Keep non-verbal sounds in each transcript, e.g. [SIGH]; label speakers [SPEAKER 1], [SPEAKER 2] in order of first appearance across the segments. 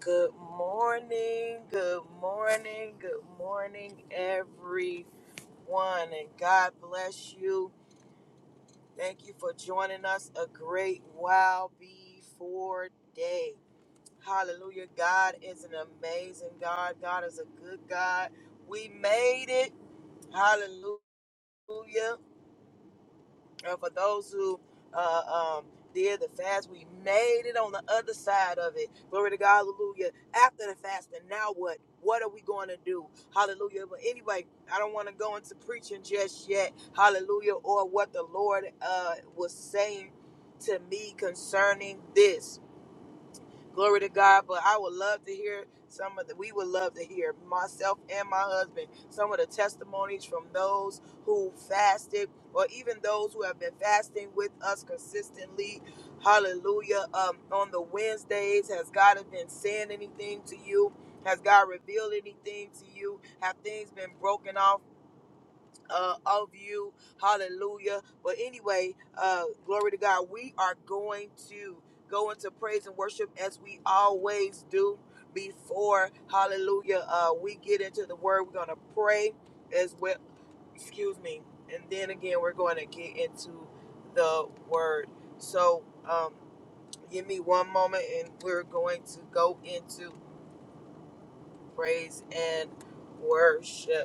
[SPEAKER 1] Good morning, good morning, good morning, everyone, and God bless you. Thank you for joining us a great while before day. Hallelujah. God is an amazing God. God is a good God. We made it. Hallelujah. uh, for those who uh, um, did the fast, we made it on the other side of it. Glory to God, hallelujah. After the fast, and now what? What are we going to do? Hallelujah. But anyway, I don't want to go into preaching just yet. Hallelujah. Or what the Lord uh, was saying to me concerning this. Glory to God. But I would love to hear some of the, we would love to hear myself and my husband, some of the testimonies from those who fasted or even those who have been fasting with us consistently. Hallelujah. Um, on the Wednesdays, has God been saying anything to you? Has God revealed anything to you? Have things been broken off? uh, of you. Hallelujah. But anyway, uh, glory to God. We are going to go into praise and worship as we always do before, hallelujah, uh, we get into the word. We're going to pray as well. Excuse me. And then again, we're going to get into the word. So um, give me one moment and we're going to go into praise and worship.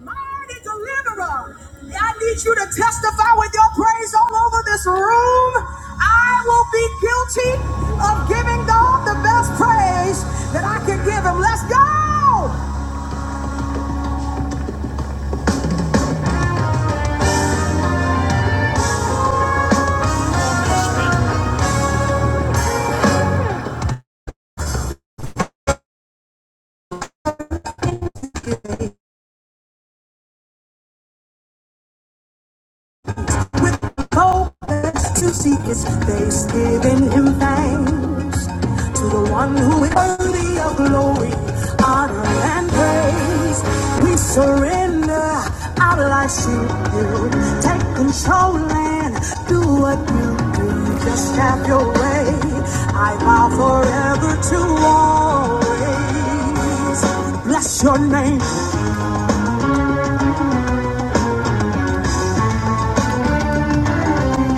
[SPEAKER 1] mighty deliverer. I need you to testify with your praise all over this room. I will be guilty of giving God the best praise that I can give him. Let's go! with the hope, boldness to seek his face, giving him thanks to the one who is worthy of glory, honor, and praise. We surrender our lives to you. Take control and do what you do. Just have your way. I vow forever to always bless your name.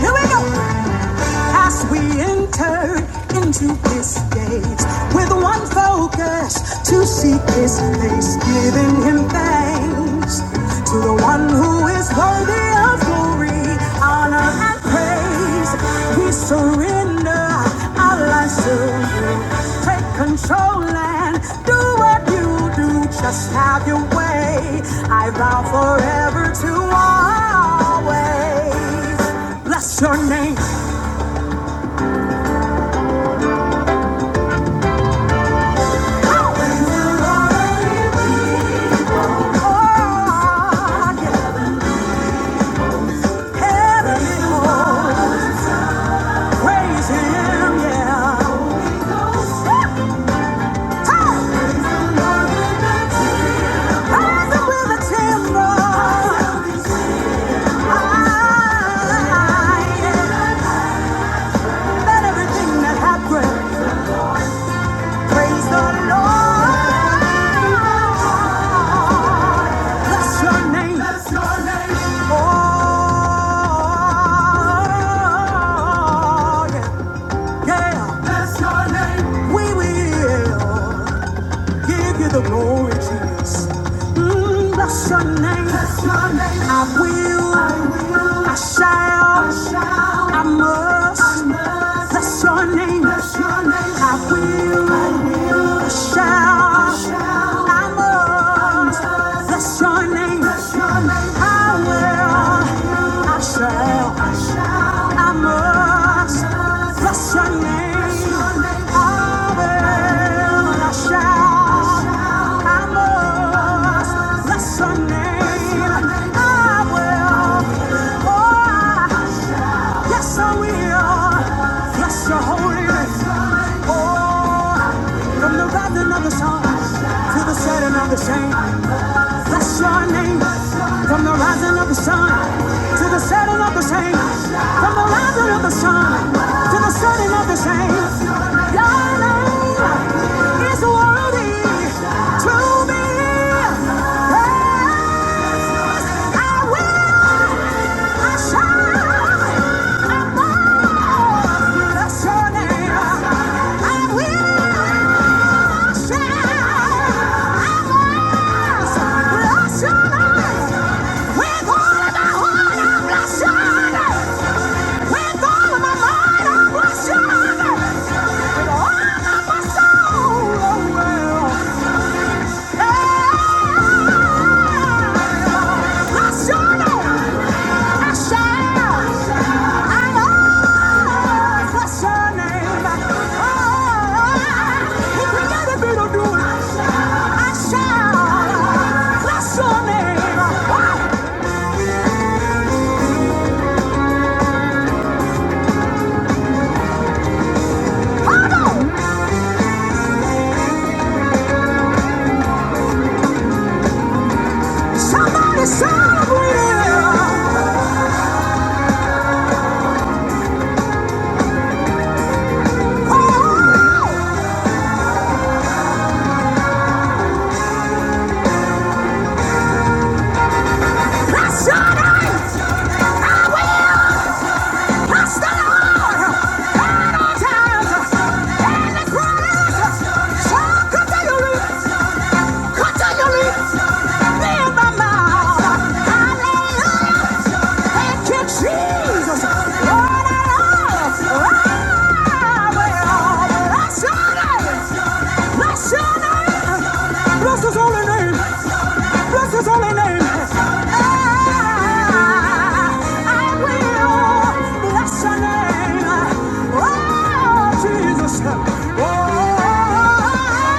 [SPEAKER 1] Here we go. As we enter into his gates with one focus to seek his face, giving him thanks to the one who is worthy of glory, honor, and praise. We surrender our lives to you. Take control and do what you do. Just have your way. I vow forever to always bless your name. That Everything that happened Praise the Lord. Bless your name. Oh, yeah. yeah. Bless your name. We will. Give you the glory, Jesus. Mm, bless your name. Bless your name. I will. I will. I shall. I shall. I must. I must. Bless your name. Bless your name. I will. I will. I shall. I shall. I must. I must. Bless your name. Bless your name. I will. I shall, I shall, I must I must bless your name. I will, I shall, I must bless your name. I will, oh, yes, I will bless your holy name. Oh, from the rising of the sun to the setting of the same. Bless your name. From the rising of the sun to the setting of the same. From the rising of the sun to the setting of the same. Your name is worthy to be praised. I will, I shall, I must. Bless your name. I will shout. I will bless your name. With all of my heart, I bless your name. With all of my mind, I bless your name. With all of my soul, Oh well. Bless the Lord, all times, and the promise shall come to you. Put on your my mouth. Hallelujah. Thank Lord, I love you. bless your name. Bless your name. Bless his holy name. Bless his holy name. I I will bless your name. Oh, Jesus. Oh, oh, oh, oh.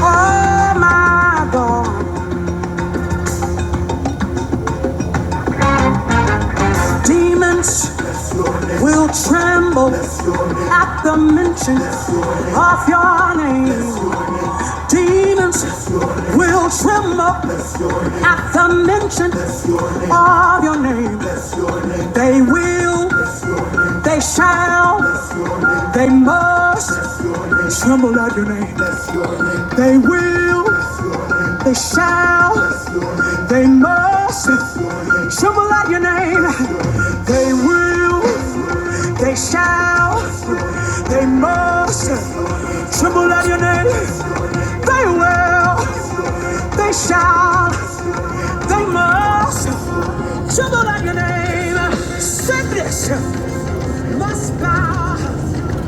[SPEAKER 1] Oh my God, demons will tremble at the mention of your name. Demons will tremble at the mention of your name. They will, they shall, they must tremble at your name. They will. They shall, they must, tremble at your name. They will, they shall, they must, tremble at your name. They will, they shall, they must, tremble at your name. Sickness must bow,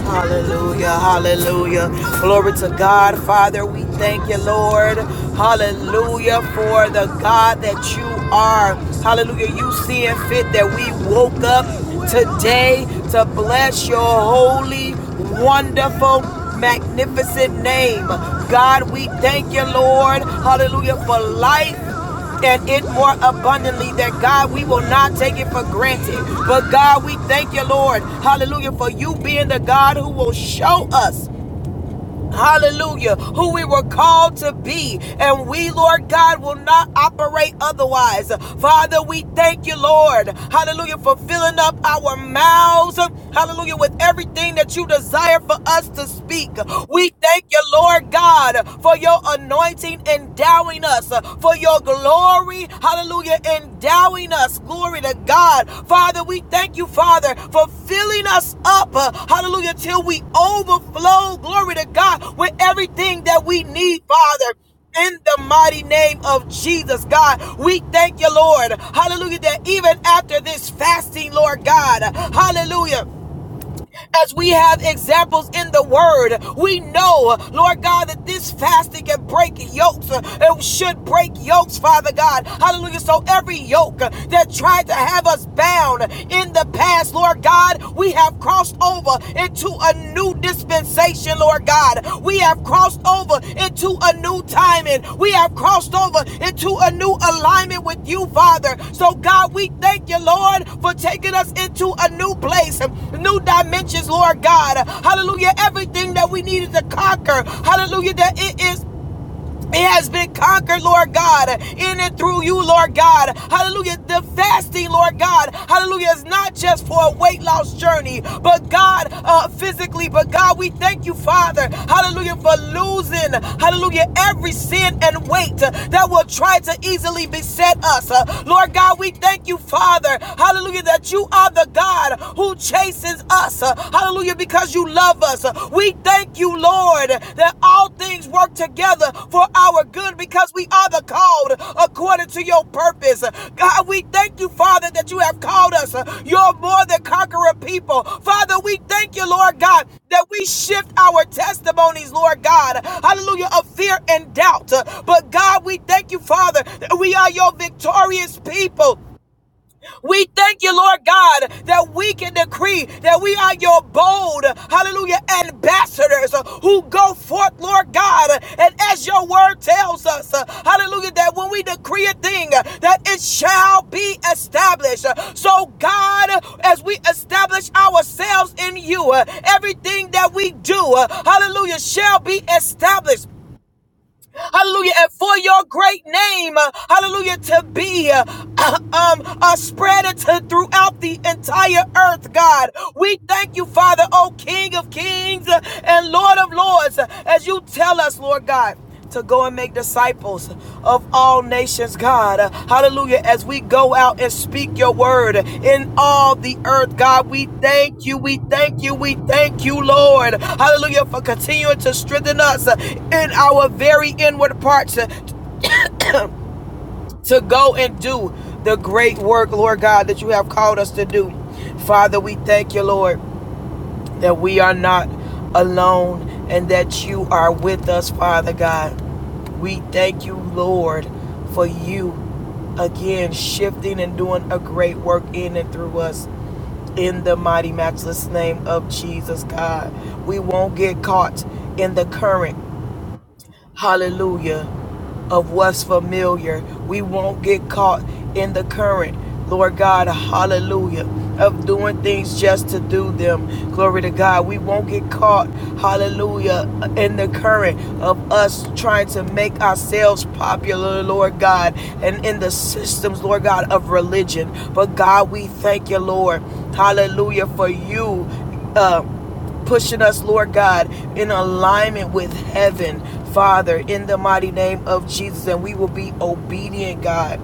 [SPEAKER 1] Hallelujah, hallelujah. Glory to God, Father. We thank you, Lord. Hallelujah, for the God that you are. Hallelujah, you seeing fit that we woke up today to bless your holy, wonderful, magnificent name. God, we thank you, Lord. Hallelujah, for life and it more abundantly that God we will not take it for granted but God we thank you Lord hallelujah for you being the God who will show us Hallelujah, who we were called to be, and we, Lord God, will not operate otherwise. Father, we thank you, Lord. Hallelujah, for filling up our mouths. Hallelujah, with everything that you desire for us to speak. We thank you, Lord God, for your anointing endowing us, for your glory mighty, hallelujah, endowing us. Glory to God. Father, we thank you, Father, for filling us up, uh, hallelujah, till we overflow. Glory to God with everything that we need, Father in the mighty name of Jesus, God. We thank you, Lord. Hallelujah. That even after this fasting, Lord God, hallelujah as we have examples in the word. We know, Lord God, that this fasting can break yokes. uh, It should break yokes, Father God. Hallelujah. So every yoke uh, that tried to have us bound in the past, Lord God, we have crossed over into a new dispensation, Lord. Lord God. We have crossed over into a new timing. We have crossed over into a new alignment with you, Father. So, God, we thank you, Lord, for taking us into a new place, new dimensions, Lord God. Hallelujah. Everything that we needed to conquer, hallelujah, that it is it has been conquered, Lord God, in and through you, Lord God. Hallelujah. The fasting, Lord God, hallelujah, is not just for a weight loss journey, but God, uh, physically, but God, we thank you, Father, hallelujah, for losing, hallelujah, every sin and weight that will try to easily beset us. Uh, Lord God, we thank you, Father, hallelujah, that you are the God who chastens us, uh, hallelujah, you because you love us. We thank you, Lord, that all things work together for our good because we are the called according to your purpose. God, we thank you, Father, that you have called us. You're more than conqueror people. Father, we thank you, Lord God, that we shift our testimonies, Lord God. Hallelujah, of fear and doubt. But God, we thank you, Father, that we are your victorious people. We thank you, Lord God, that we can decree that we are your bold, hallelujah, ambassadors uh, who go forth, Lord God. And as your word tells us, uh, hallelujah, that when we decree a thing, uh, that it shall be established. Uh, So, God, uh, as we establish ourselves in you, uh, everything that we do, uh, hallelujah, shall be established hallelujah, and for your great name, uh, hallelujah, to be uh, [CLEARS THROAT] um, uh, spread into, throughout the entire earth, God. We thank you, Father, oh King of kings uh, and Lord of lords, uh, as you tell us, Lord God to go and make disciples disciples of all nations, God. Hallelujah. As we go out and speak your word in all the earth, God, we thank you. We thank you. We thank you, Lord. Hallelujah. For continuing to strengthen us in our very inward parts to, go and do the great work, Lord God, that you have called us to do. Father, we thank you, Lord that we are not alone and that you are with us, Father God. We thank you, Lord, for you again shifting and doing a great work in and through us. In the mighty, matchless name of Jesus, God. We won't get caught in the current hallelujah, of what's familiar. We won't get caught in the current, Lord God, hallelujah, of doing things just to do them. Glory to God. We won't get caught, hallelujah, in the current of us trying to make ourselves popular, Lord God, and in the systems, Lord God, of religion. But God, we thank you, Lord, hallelujah, for you. Uh, pushing us, Lord God, in alignment with heaven, Father, in the mighty name of Jesus. And we will be obedient, God.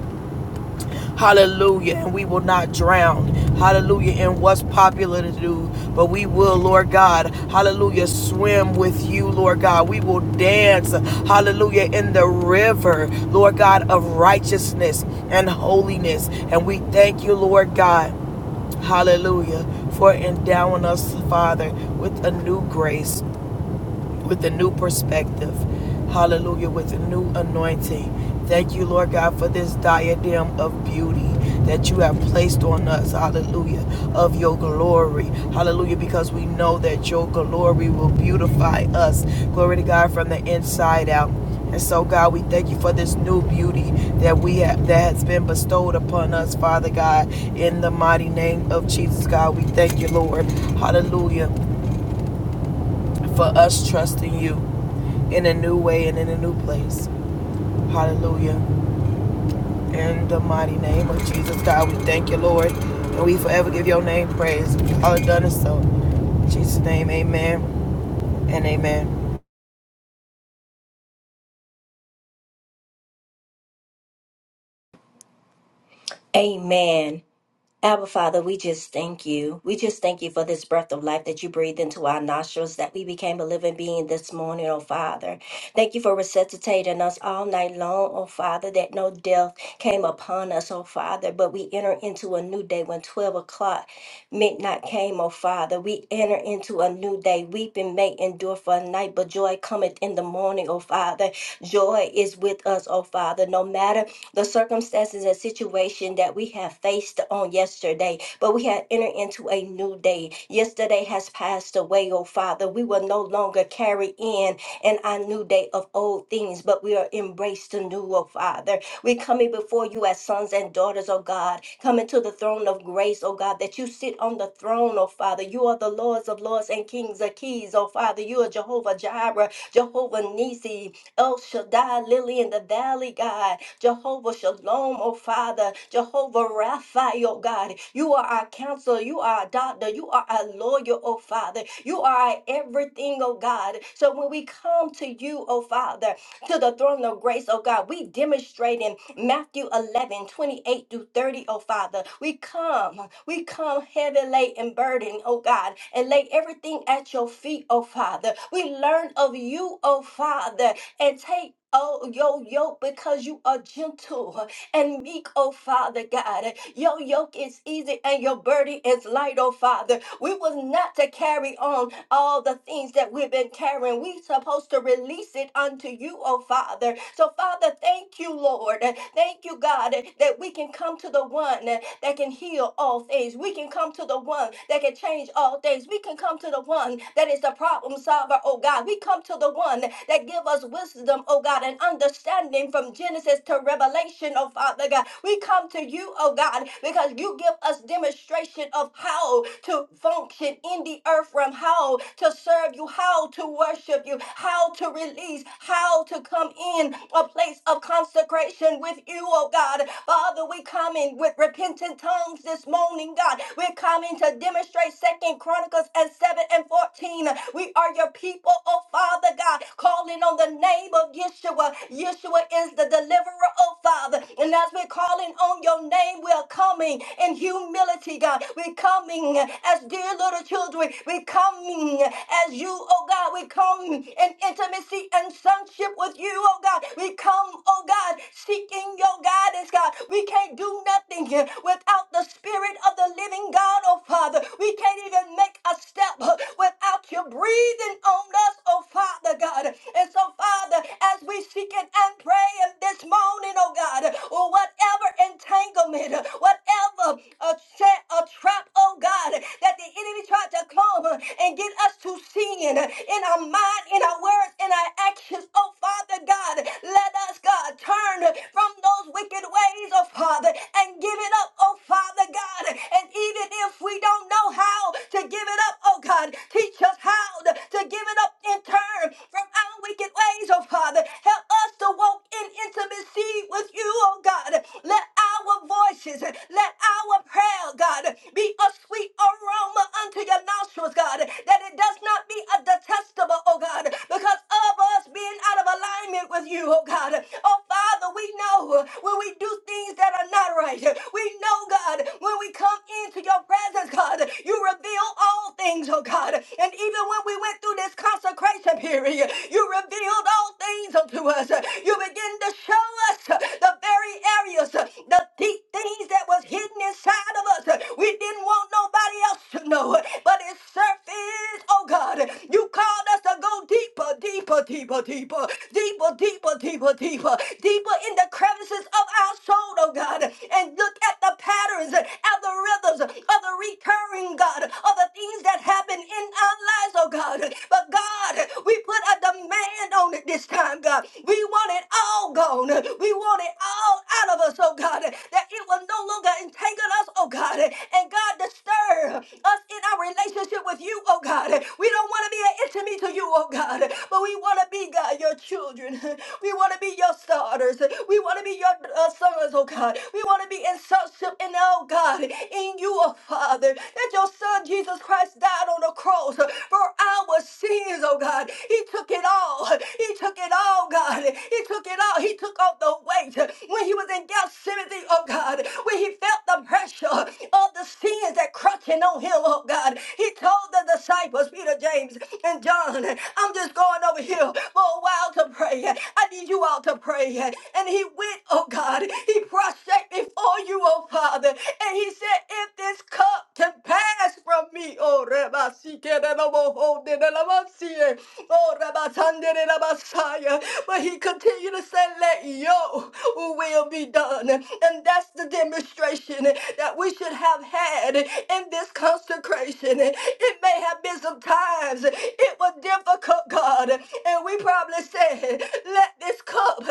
[SPEAKER 1] Hallelujah. And we will not drown. Hallelujah. In what's popular to do. But we will, Lord God. Hallelujah. Swim with you, Lord God. We will dance. Hallelujah. In the river, Lord God, of righteousness and holiness. And we thank you, Lord God. Hallelujah. For endowing us, Father, with a new grace with a new perspective. Hallelujah, with a new anointing. Thank you, Lord God, for this diadem of beauty that you have placed on us. Hallelujah, of your glory. Hallelujah, because we know that your glory will beautify us. Glory to God from the inside out. And so, God, we thank you for this new beauty that we have, that has been bestowed upon us, Father God, in the mighty name of Jesus, God. We thank you, Lord. Hallelujah for us trusting you in a new way and in a new place. Hallelujah. In the mighty name of Jesus, God, we thank you, Lord, and we forever give your name praise. All done is so. In Jesus' name, amen and amen.
[SPEAKER 2] Amen. Abba Father, we just thank you. We just thank you for this breath of life that you breathed into our nostrils, that we became a living being this morning, oh Father. Thank you for resuscitating us all night long, oh Father, that no death came upon us, oh Father, but we enter into a new day when 12 o'clock midnight came, oh Father. We enter into a new day. Weeping may endure for a night, but joy cometh in the morning, oh Father. Joy is with us, oh Father, no matter the circumstances and situation that we have faced on yesterday, but we have entered into a new day. Yesterday has passed away, oh Father. We will no longer carry in in our new day of old things, but we are embraced anew, oh Father. We're coming before you as sons and daughters, oh God, coming to the throne of grace, oh God, that you sit on the throne, oh Father. You are the Lords of Lords and Kings of Kings, oh Father. You are Jehovah Jireh, Jehovah Nisi, El Shaddai, Lily in the Valley, God. Jehovah Shalom, oh Father, Jehovah Raphael, oh God. You are our counselor, you are our doctor, you are our lawyer, oh Father. You are our everything, oh God. So when we come to you, oh Father, to the throne of grace, oh God, we demonstrate in Matthew eleven twenty-eight 28 through 30, oh Father. We come, we come heavy laden and burdened, oh God, and lay everything at your feet, oh Father. We learn of you, oh Father, and take oh yo yo because you are gentle and meek, oh Father God. Your yoke is easy and your burden is light, oh Father. We was not to carry on all the things that we've been carrying. We supposed to release it unto you, oh Father. So Father, thank you, Lord. Thank you, God, that we can come to the one that can heal all things. We can come to the one that can change all things. We can come to the one that is the problem solver, oh God. We come to the one that give us wisdom, oh God, and understanding from from Genesis to Revelation, oh Father God. We come to you, oh God, because you give us demonstration of how to function in the earth realm, how to serve you, how to worship you, how to release, how to come in a place of consecration with you, oh God. Father, we come in with repentant tongues this morning, God. We're coming to demonstrate Second Chronicles and 7 and 14. We are your people, oh Father God, calling on the name name of Yeshua. Yeshua is the deliverer, oh Father. And as we're calling on your name, we are coming in humility, God. We're coming as dear little children. We're coming as you, oh God. We come in intimacy and sonship with you, oh God. We come, oh God, seeking your guidance, God. We can't do nothing without the Spirit of the living God, oh Father. We can't even make a step without you breathing on us, oh Father. Father God. And so, Father, as we seek it and pray in this morning, oh God, or whatever entanglement, whatever a, set, a trap, oh God, that the enemy tried to come and get us to sin in our mind, in our words, in our actions, oh Father God, let us, God, turn from those wicked ways, oh Father, and give it up, oh Father God. And even if we don't know how to give it up, oh God, teach us how allowed to give it up and turn from our wicked ways, oh Father. Help us to walk in intimacy with you, oh God. Let our voices, let our prayer, God, be a sweet aroma unto your nostrils, God, that it does not be a detestable, oh God, because of us being out of alignment with you, oh God. Oh Father, we know when we do things that are not right. We know, God, when we come into your presence, God, you reveal all all things, oh God. And even when we went through this consecration period, you revealed all things unto us. You begin to show us the very areas, the deep things that was hidden inside of us. We didn't want nobody else to know, but it surfaced, oh God. You called us to go deeper, deeper, deeper, deeper, deeper, deeper, deeper, deeper, deeper in the crevices of our soul, oh God, and look at the patterns and the rhythms of the recurring God, of the things that happen in our lives, oh God. But God, we put a demand on it this time, God. We want it all gone. We want it all out of us, oh God, that it will no longer entangle us, oh God. And God, disturb us in our relationship with you, oh God. We don't want to be an enemy to you, oh God, but we want to be, God, your children. [LAUGHS] We want to be your starters. We want to be your uh, sons, oh God. We want to be in sonship and, oh God, in you, oh Father, that your son Jesus Christ died on the cross for our sins, oh God. He took it all. He took it all, God. He took it all. He took off the weight when he was in Gethsemane, oh God, when he felt the pressure of the sins that crushing on him, oh God. He told the the disciples, Peter, James, and John. I'm just going over here for a while to pray. I need you all to pray. And he went, oh God, he prostrate before you, oh Father. And he said, if this cup can pass from me, oh Rabbi, oh Rabbi, but he continued to say, let your will be done. And that's the demonstration that we should have had in this consecration. It may have been some times it was difficult, God, and we probably said, Let this cup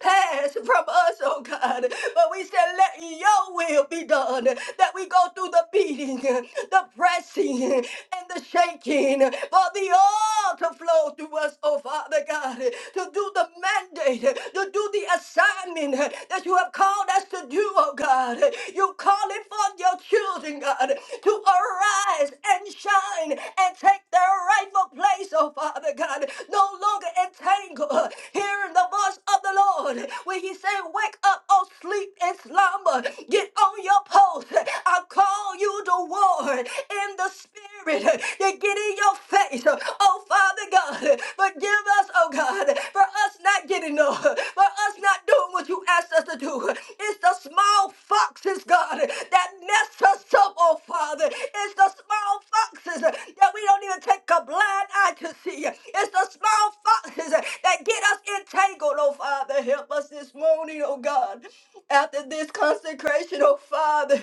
[SPEAKER 2] pass from us, oh God. But we said, Let your will be done. That we go through the beating, the pressing, and the shaking for the oil to flow through us, oh Father God, to do the mandate, to do the assignment that you have called us to do, oh God. You calling for your children, God, to arise and shine and take their rightful place, oh Father God. No longer entangled, hearing the voice of the Lord when He say, "Wake up, oh sleep and slumber. Get on your post. I call you to war in the spirit to get in your face, oh Father God. Forgive us, oh God, for us not getting up, for us not doing what You asked us to do. It's the small foxes, God, that messed us up, oh Father. It's the small foxes that we don't even take a blind eye to see. It's the small foxes that get us entangled, oh Father. Help us this morning, oh God. After this consecration, oh Father,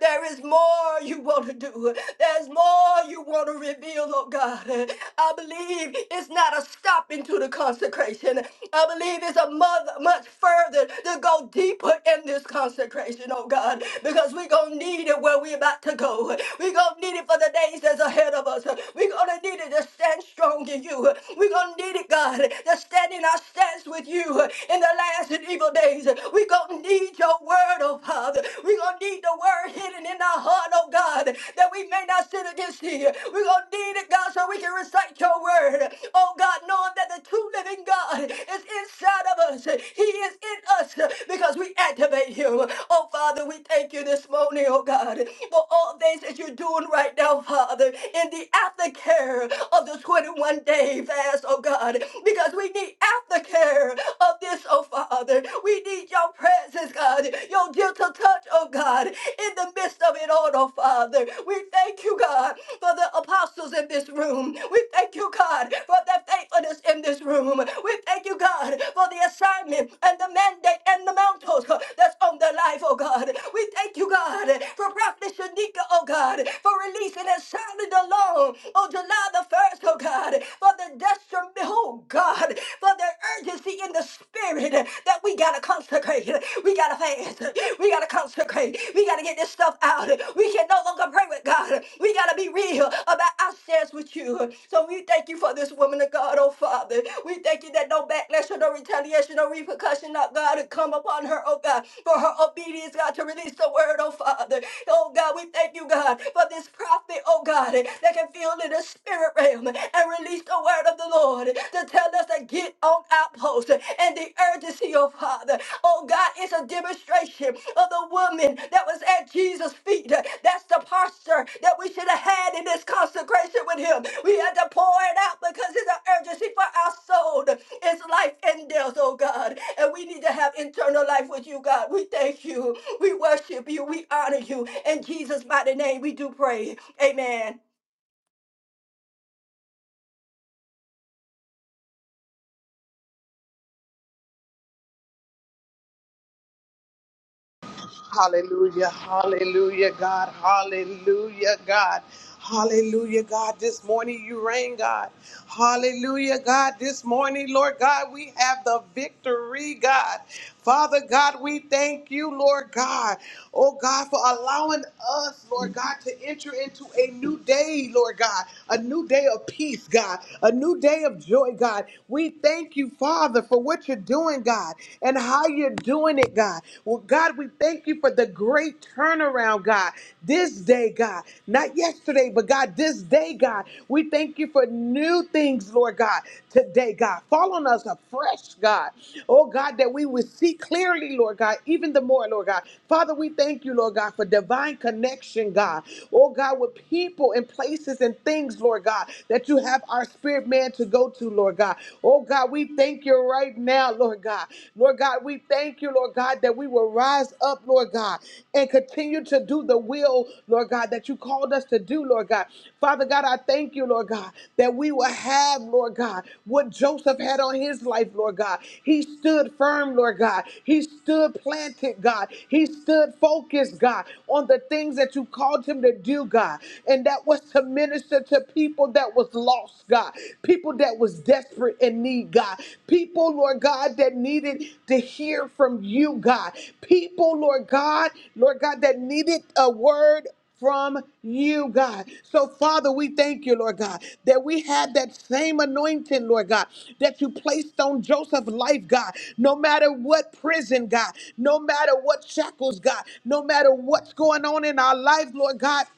[SPEAKER 2] there is more you want to do. There's more you want to reveal, oh God. I believe it's not a stopping to the consecration. I believe it's a mother much further to go deeper in this consecration, oh God, because we're going to need it where we're about to to go. We're going to need it for the days that's ahead of us. We're going to need it to stand strong in you. We're going to need it, God, to stand in our stance with you in the last and evil days. We're going to need your word, oh Father. We're going to need the word hidden in our heart, oh God, that we may not sin against thee. We're going to need it, God, so we can recite your word. Oh God, knowing that the true living God is inside of us. He is in us because we activate him. Oh Father, we thank you this morning, oh God oh God, for all things that you're doing right now, Father, in the aftercare of the 21 day fast, oh God, because we need aftercare of this, oh Father. We need your presence, God, your gentle touch, oh God, in the midst of it all, oh Father. We thank you, God, for the apostles in this room. We thank you, God, for their faithfulness in this room. We thank you, God, for the assignment and the mandate and the mantles huh, that's on their life, oh God. We thank you, God. God, for Prophet Shanika, oh God, for releasing and sounding the alarm on July the 1st, oh God, for the desperate, oh God, for the urgency in the spirit that we gotta consecrate, we gotta fast, we gotta consecrate, we gotta get this stuff out. We can no longer pray with God. We gotta be real about ourselves with you. So we thank you for this woman of God, oh Father. We thank you that no backlash or no retaliation or repercussion, oh God, to come upon her, oh God, for her obedience, God, to release the word, oh Father. Oh God, we thank you, God, for this prophet, oh God, that can feel in the spirit realm and release the word of the Lord to tell us again on outposts and the urgency, oh Father. Oh God, it's a demonstration of the woman that was at Jesus' feet. That's the posture that we should have had in this consecration with him. We had to pour it out because it's an urgency for our soul. It's life and death, oh God. And we need to have internal life with you, God. We thank you. We worship you. We honor you. In Jesus' mighty name, we do pray. Amen.
[SPEAKER 3] Hallelujah, hallelujah, God, hallelujah, God. Hallelujah, God. This morning you reign, God. Hallelujah, God. This morning, Lord God, we have the victory, God. Father God, we thank you, Lord God. Oh God, for allowing us, Lord God, to enter into a new day, Lord God. A new day of peace, God. A new day of joy, God. We thank you, Father, for what you're doing, God and how you're doing it, God. Well, God, we thank you for the great turnaround, God. This day, God, not yesterday, but God, this day, God, we thank you for new things, Lord God, today, God. Fall on us afresh, God. Oh, God, that we would see clearly, Lord God, even the more, Lord God. Father, we thank you, Lord God, for divine connection, God. Oh, God, with people and places and things, Lord God, that you have our spirit man to go to, Lord God. Oh God, we thank you right now, Lord God. Lord God, we thank you, Lord God, that we will rise up, Lord God, and continue to do the will, Lord God, that you called us to do, Lord God. Father God, I thank you, Lord God, that we will have, Lord God, what Joseph had on his life, Lord God. He stood firm, Lord God. He stood planted, God. He stood focused, God, on the things that you called him to do, God. And that was to minister to people that that was lost, God, people that was desperate and need, God, people, Lord God, that needed to hear from you, God, people, Lord God, Lord God, that needed a word from you, God. So, Father, we thank you, Lord God, that we had that same anointing, Lord God, that you placed on Joseph's life, God. No matter what prison, God, no matter what shackles, God, no matter what's going on in our life, Lord God.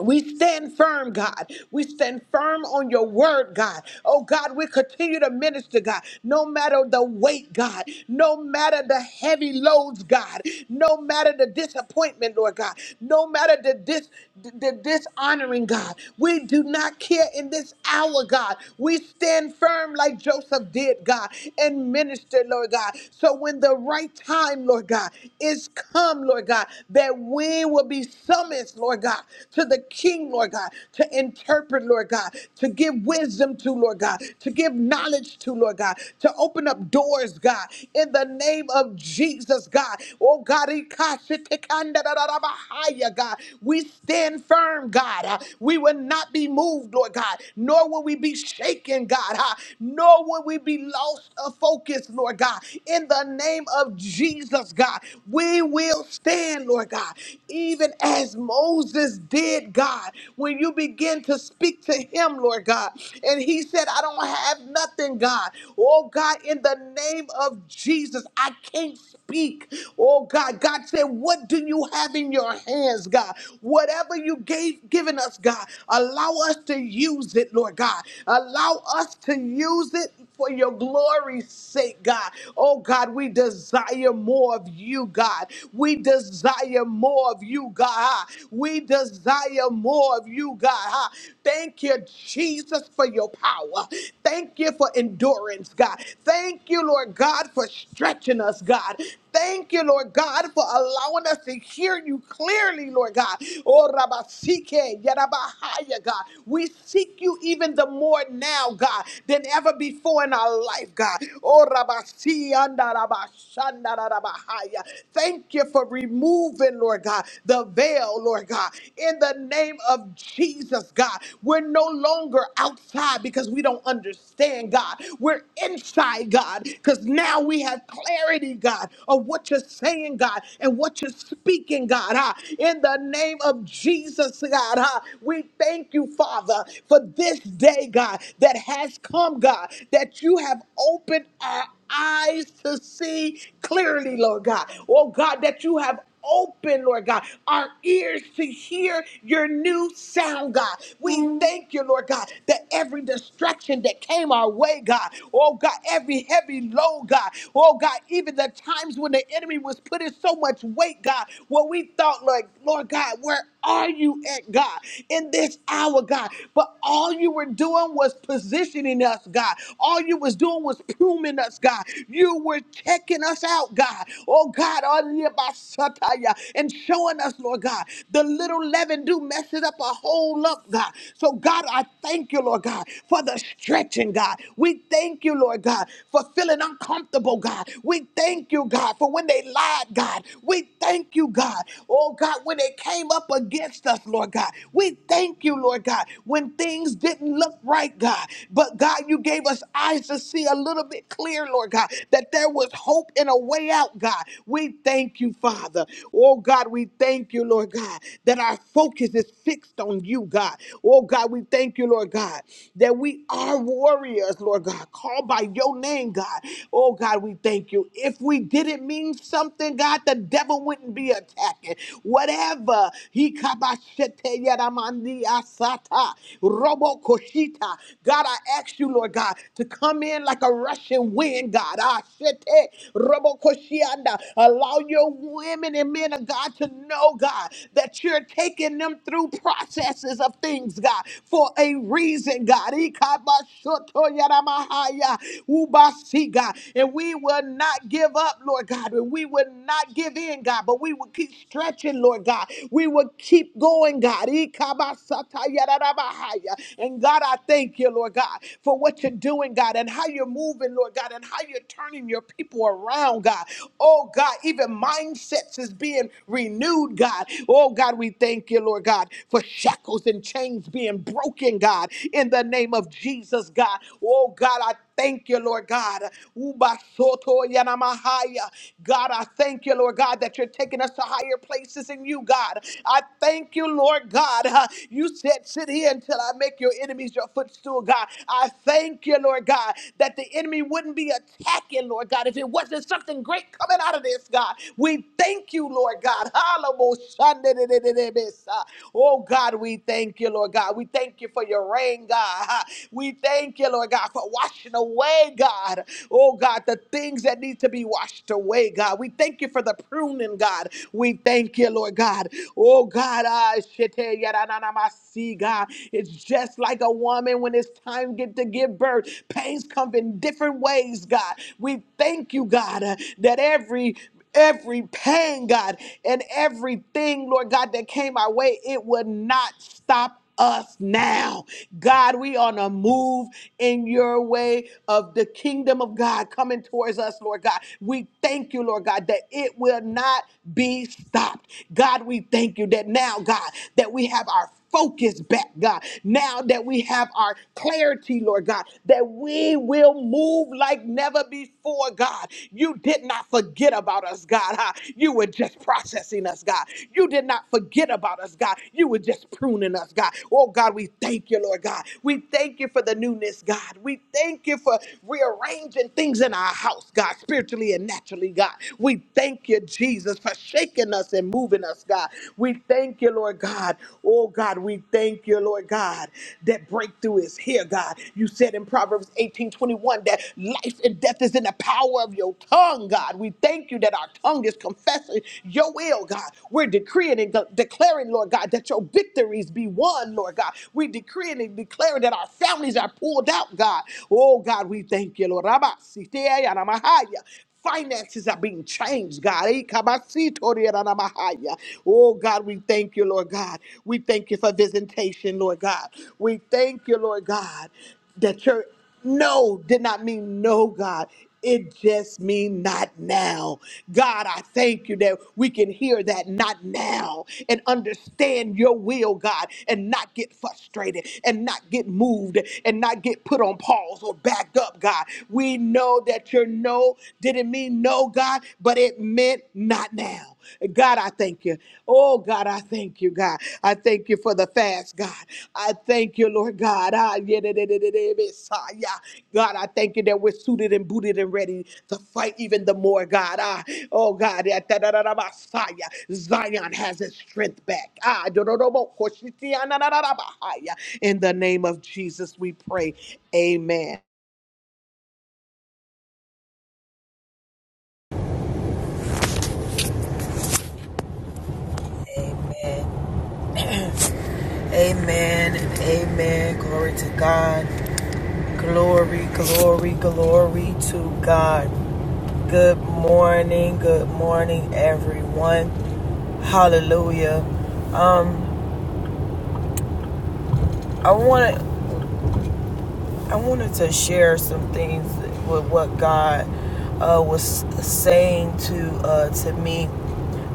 [SPEAKER 3] We stand firm, God. We stand firm on your word, God. Oh, God, we continue to minister, God, no matter the weight, God, no matter the heavy loads, God, no matter the disappointment, Lord God, no matter the, dis- the dishonoring, God. We do not care in this hour, God. We stand firm like Joseph did, God, and minister, Lord God. So when the right time, Lord God, is come, Lord God, that we will be summoned, Lord God, to the to the king, Lord God, to interpret, Lord God, to give wisdom to, Lord God, to give knowledge to, Lord God, to open up doors, God, in the name of Jesus, God. Oh, God, ikashitikandadadadabahaya, God. we stand firm, God. Uh, We will not be moved, Lord God, nor will we be shaken, God, uh, nor will we be lost of focus, Lord God. In the name of Jesus, God, we will stand, Lord God, even as Moses did did, God, when you begin to speak to him, Lord God. And he said, I don't have nothing, God. Oh, God, in the name of Jesus, I can't speak. Oh, God, God said, What do you have in your hands, God? Whatever you gave given us, God, allow us to use it, Lord God. Allow us to use it for your glory's sake, God. Oh, God, we desire more of you, God. We desire more of you, God. We desire desire more of you, God. huh? Thank you, Jesus, for your power. Thank you for endurance, God. Thank you, Lord God, for stretching us, God. Thank you, Lord God, for allowing us to hear you clearly, Lord God. Oh, Rabasike, Yarabahaya, God. We seek you even the more now, God, than ever before in our life, God. Oh, Rabasi, Anda, Rabashanda, Rabahaya. Thank you for removing, Lord God, the veil, Lord God in the name of Jesus, God. We're no longer outside because we don't understand, God. We're inside, God, because now we have clarity, God, of what you're saying, God, and what you're speaking, God. Ah, in the name of Jesus, God, ah, we thank you, Father, for this day, God, that has come, God, that you have opened our eyes to see clearly, Lord God. Oh God, that you have opened, Lord God, our ears to hear your new sound, God. We thank you, Lord God, that every distraction that came our way, God, oh God, every heavy load, God, oh God, even the times when the enemy was putting so much weight, God, what we thought, like Lord God, where are you at, God, in this hour, God? But all you were doing was positioning us, God. All you was doing was pruning us, God. You were checking us out, God. Oh, God, Aliyabasataya, and showing us, Lord God, the little leaven do messes up a whole lump, God. So, God, I thank you, Lord God, for the stretching, God. We thank you, Lord God, for feeling uncomfortable, God. We thank you, God, for when they lied, God. We thank you, God. Oh God, when it came up against us, Lord God, we thank you, Lord God, when things didn't look right, God. But God, you gave us eyes to see a little bit clear, Lord God, that there was hope and a way out, God. We thank you, Father. Oh God, we thank you, Lord God, that our focus is fixed on you, God. Oh God, we thank you, Lord God, that we are warriors, Lord God, called by your name, God. Oh God, we thank you. If we didn't mean something, God, God, the devil wouldn't be attacking. Whatever he kabashete yaramandi asata robo koshita. God, I ask you, Lord God, to come in like a rushing wind, God. Ah, shete robo koshianda. Allow your women and men of God to know, God, that you're taking them through processes of things, God, for a reason, God. Ikabashoto yaramahaya ubasi, God, and we will not give up up, Lord God, and we would not give in, God, but we would keep stretching, Lord God. We would keep going, God. Ikabasatayarabahaya. And God, I thank you, Lord God, for what you're doing, God, and how you're moving, Lord God, and how you're turning your people around, God. Oh, God, even mindsets is being renewed, God. Oh, God, we thank you, Lord God, for shackles and chains being broken, God, in the name of Jesus, God. Oh, God, I thank you, Lord God. Ubasoto yanamahaya. God, I thank you, Lord God, that you're taking us to higher places in you, God. I thank you, Lord God. [LAUGHS] huh, You said, Sit here until I make your enemies your footstool, God. I thank you, Lord God, that the enemy wouldn't be attacking, Lord God, if it wasn't something great coming out of this, God. We thank you, Lord God. [LAUGHS] Hallelujah. Oh, God, we thank you, Lord God. We thank you for your rain, God. [LAUGHS] huh. We thank you, Lord God, for washing washing away, God. Oh, God, the things that need to be washed away, God. We thank you for the pruning, God. We thank you, Lord God. Oh, God, I shete yadanamasi, God. It's just like a woman when it's time get to give birth. Pains come in different ways, God. We thank you, God, uh, that every every pain, God, and everything, Lord God, that came our way, it would not stop us now. God, we on a move in your way of the kingdom of God coming towards us, Lord God. We thank you, Lord God, that it will not be stopped. God, we thank you that now, God, that we have our focus back, God. Now that we have our clarity, Lord God, that we will move like never before, God. You did not forget about us, God. huh? You were just processing us, God. You did not forget about us, God. You were just pruning us, God. Oh, God, we thank you, Lord God. We thank you for the newness, God. We thank you for rearranging things in our house, God, spiritually and naturally, God. We thank you, Jesus. Jesus, for shaking us and moving us, God. We thank you, Lord God. Oh, God, we thank you, Lord God, that breakthrough is here, God. You said in Proverbs 18 21 that life and death is in the power of your tongue, God. We thank you that our tongue is confessing your will, God. We're decreeing and de- declaring, Lord God, that your victories be won, Lord God. We decreeing and declaring that our families are pulled out, God. Oh, God, we thank you, Lord. Rabba, Sitea, Yaramahaya. Finances are being changed, God. Eh, kabasitorianamahaya. Oh, God, we thank you, Lord God. We thank you for visitation, Lord God. We thank you, Lord God, that your no did not mean no, God. It just means not now. God, I thank you that we can hear that not now and understand your will, God, and not get frustrated and not not get moved and not get put on pause or backed up, God. We know that your no didn't mean no, God, but it meant not now. God, I thank you. Oh, God, I thank you, God. I thank you for the fast, God. I thank you, Lord God. Ah, yeah, da, da, da, da, da, Messiah. God, I thank you that we're suited and booted and ready to fight even the more, God. Ah, oh, God. yeah, da, da, da, da, Messiah. Zion has its strength back. Ah, do, do, do, bo, ko, shi, ti, ah, na, na, na, na, bah, ah, yeah. In the name of Jesus, we pray. Amen.
[SPEAKER 1] Amen and amen. Glory to God. Glory, glory, glory to God. Good morning, good morning, everyone. Hallelujah. Um, I want to I wanted to share some things with what God uh, was saying to uh, to me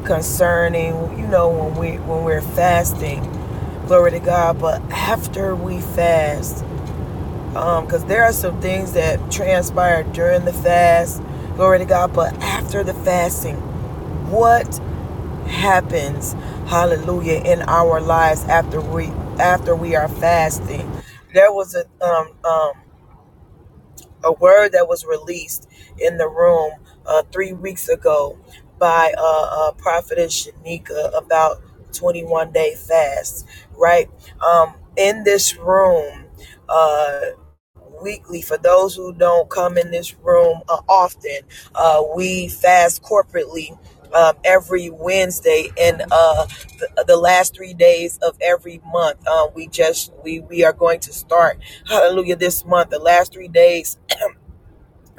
[SPEAKER 1] concerning, you know, when we when we're fasting. Glory to God. But after we fast, because there are some things that transpire during the fast. Glory to God. But after the fasting, what happens hallelujah in our lives after we after we are fasting there was a um, um a word that was released in the room uh, three weeks ago by uh, uh, prophetess Shanika about 21 day fast, right? Um, in this room, uh, weekly for those who don't come in this room uh, often uh, we fast corporately um, every wednesday and uh, the, the last three days of every month uh, we just we we are going to start hallelujah this month the last three days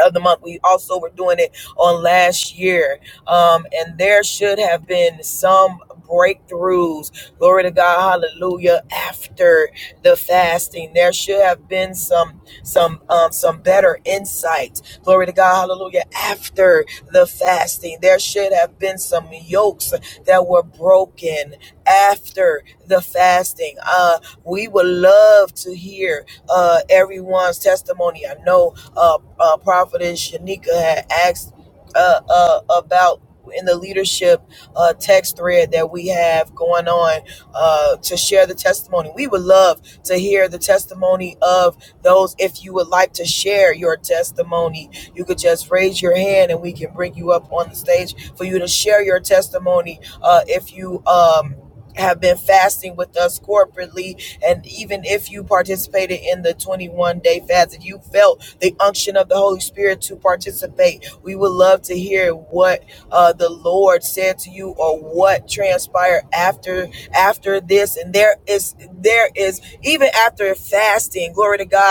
[SPEAKER 1] of the month. We also were doing it on last year. Um, and there should have been some breakthroughs. Glory to God, hallelujah. After the fasting, there should have been some some um some better insight. Glory to God, hallelujah. After the fasting, there should have been some yokes that were broken after the fasting. Uh we would love to hear uh everyone's testimony. I know uh, uh prophetess Shanika had asked uh, uh, about in the leadership uh, text thread that we have going on uh, to share the testimony. We would love to hear the testimony of those. If you would like to share your testimony, you could just raise your hand and we can bring you up on the stage for you to share your testimony. Uh, if you um, have been fasting with us corporately. And even if you participated in the 21 day fast, if you felt the unction of the Holy Spirit to participate, we would love to hear what uh, the Lord said to you or what transpired after after this. And there is there is even after fasting, glory to God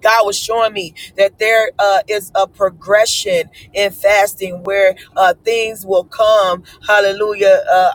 [SPEAKER 1] God was showing me that there uh, is a progression in fasting where uh, things will come. Hallelujah. Uh,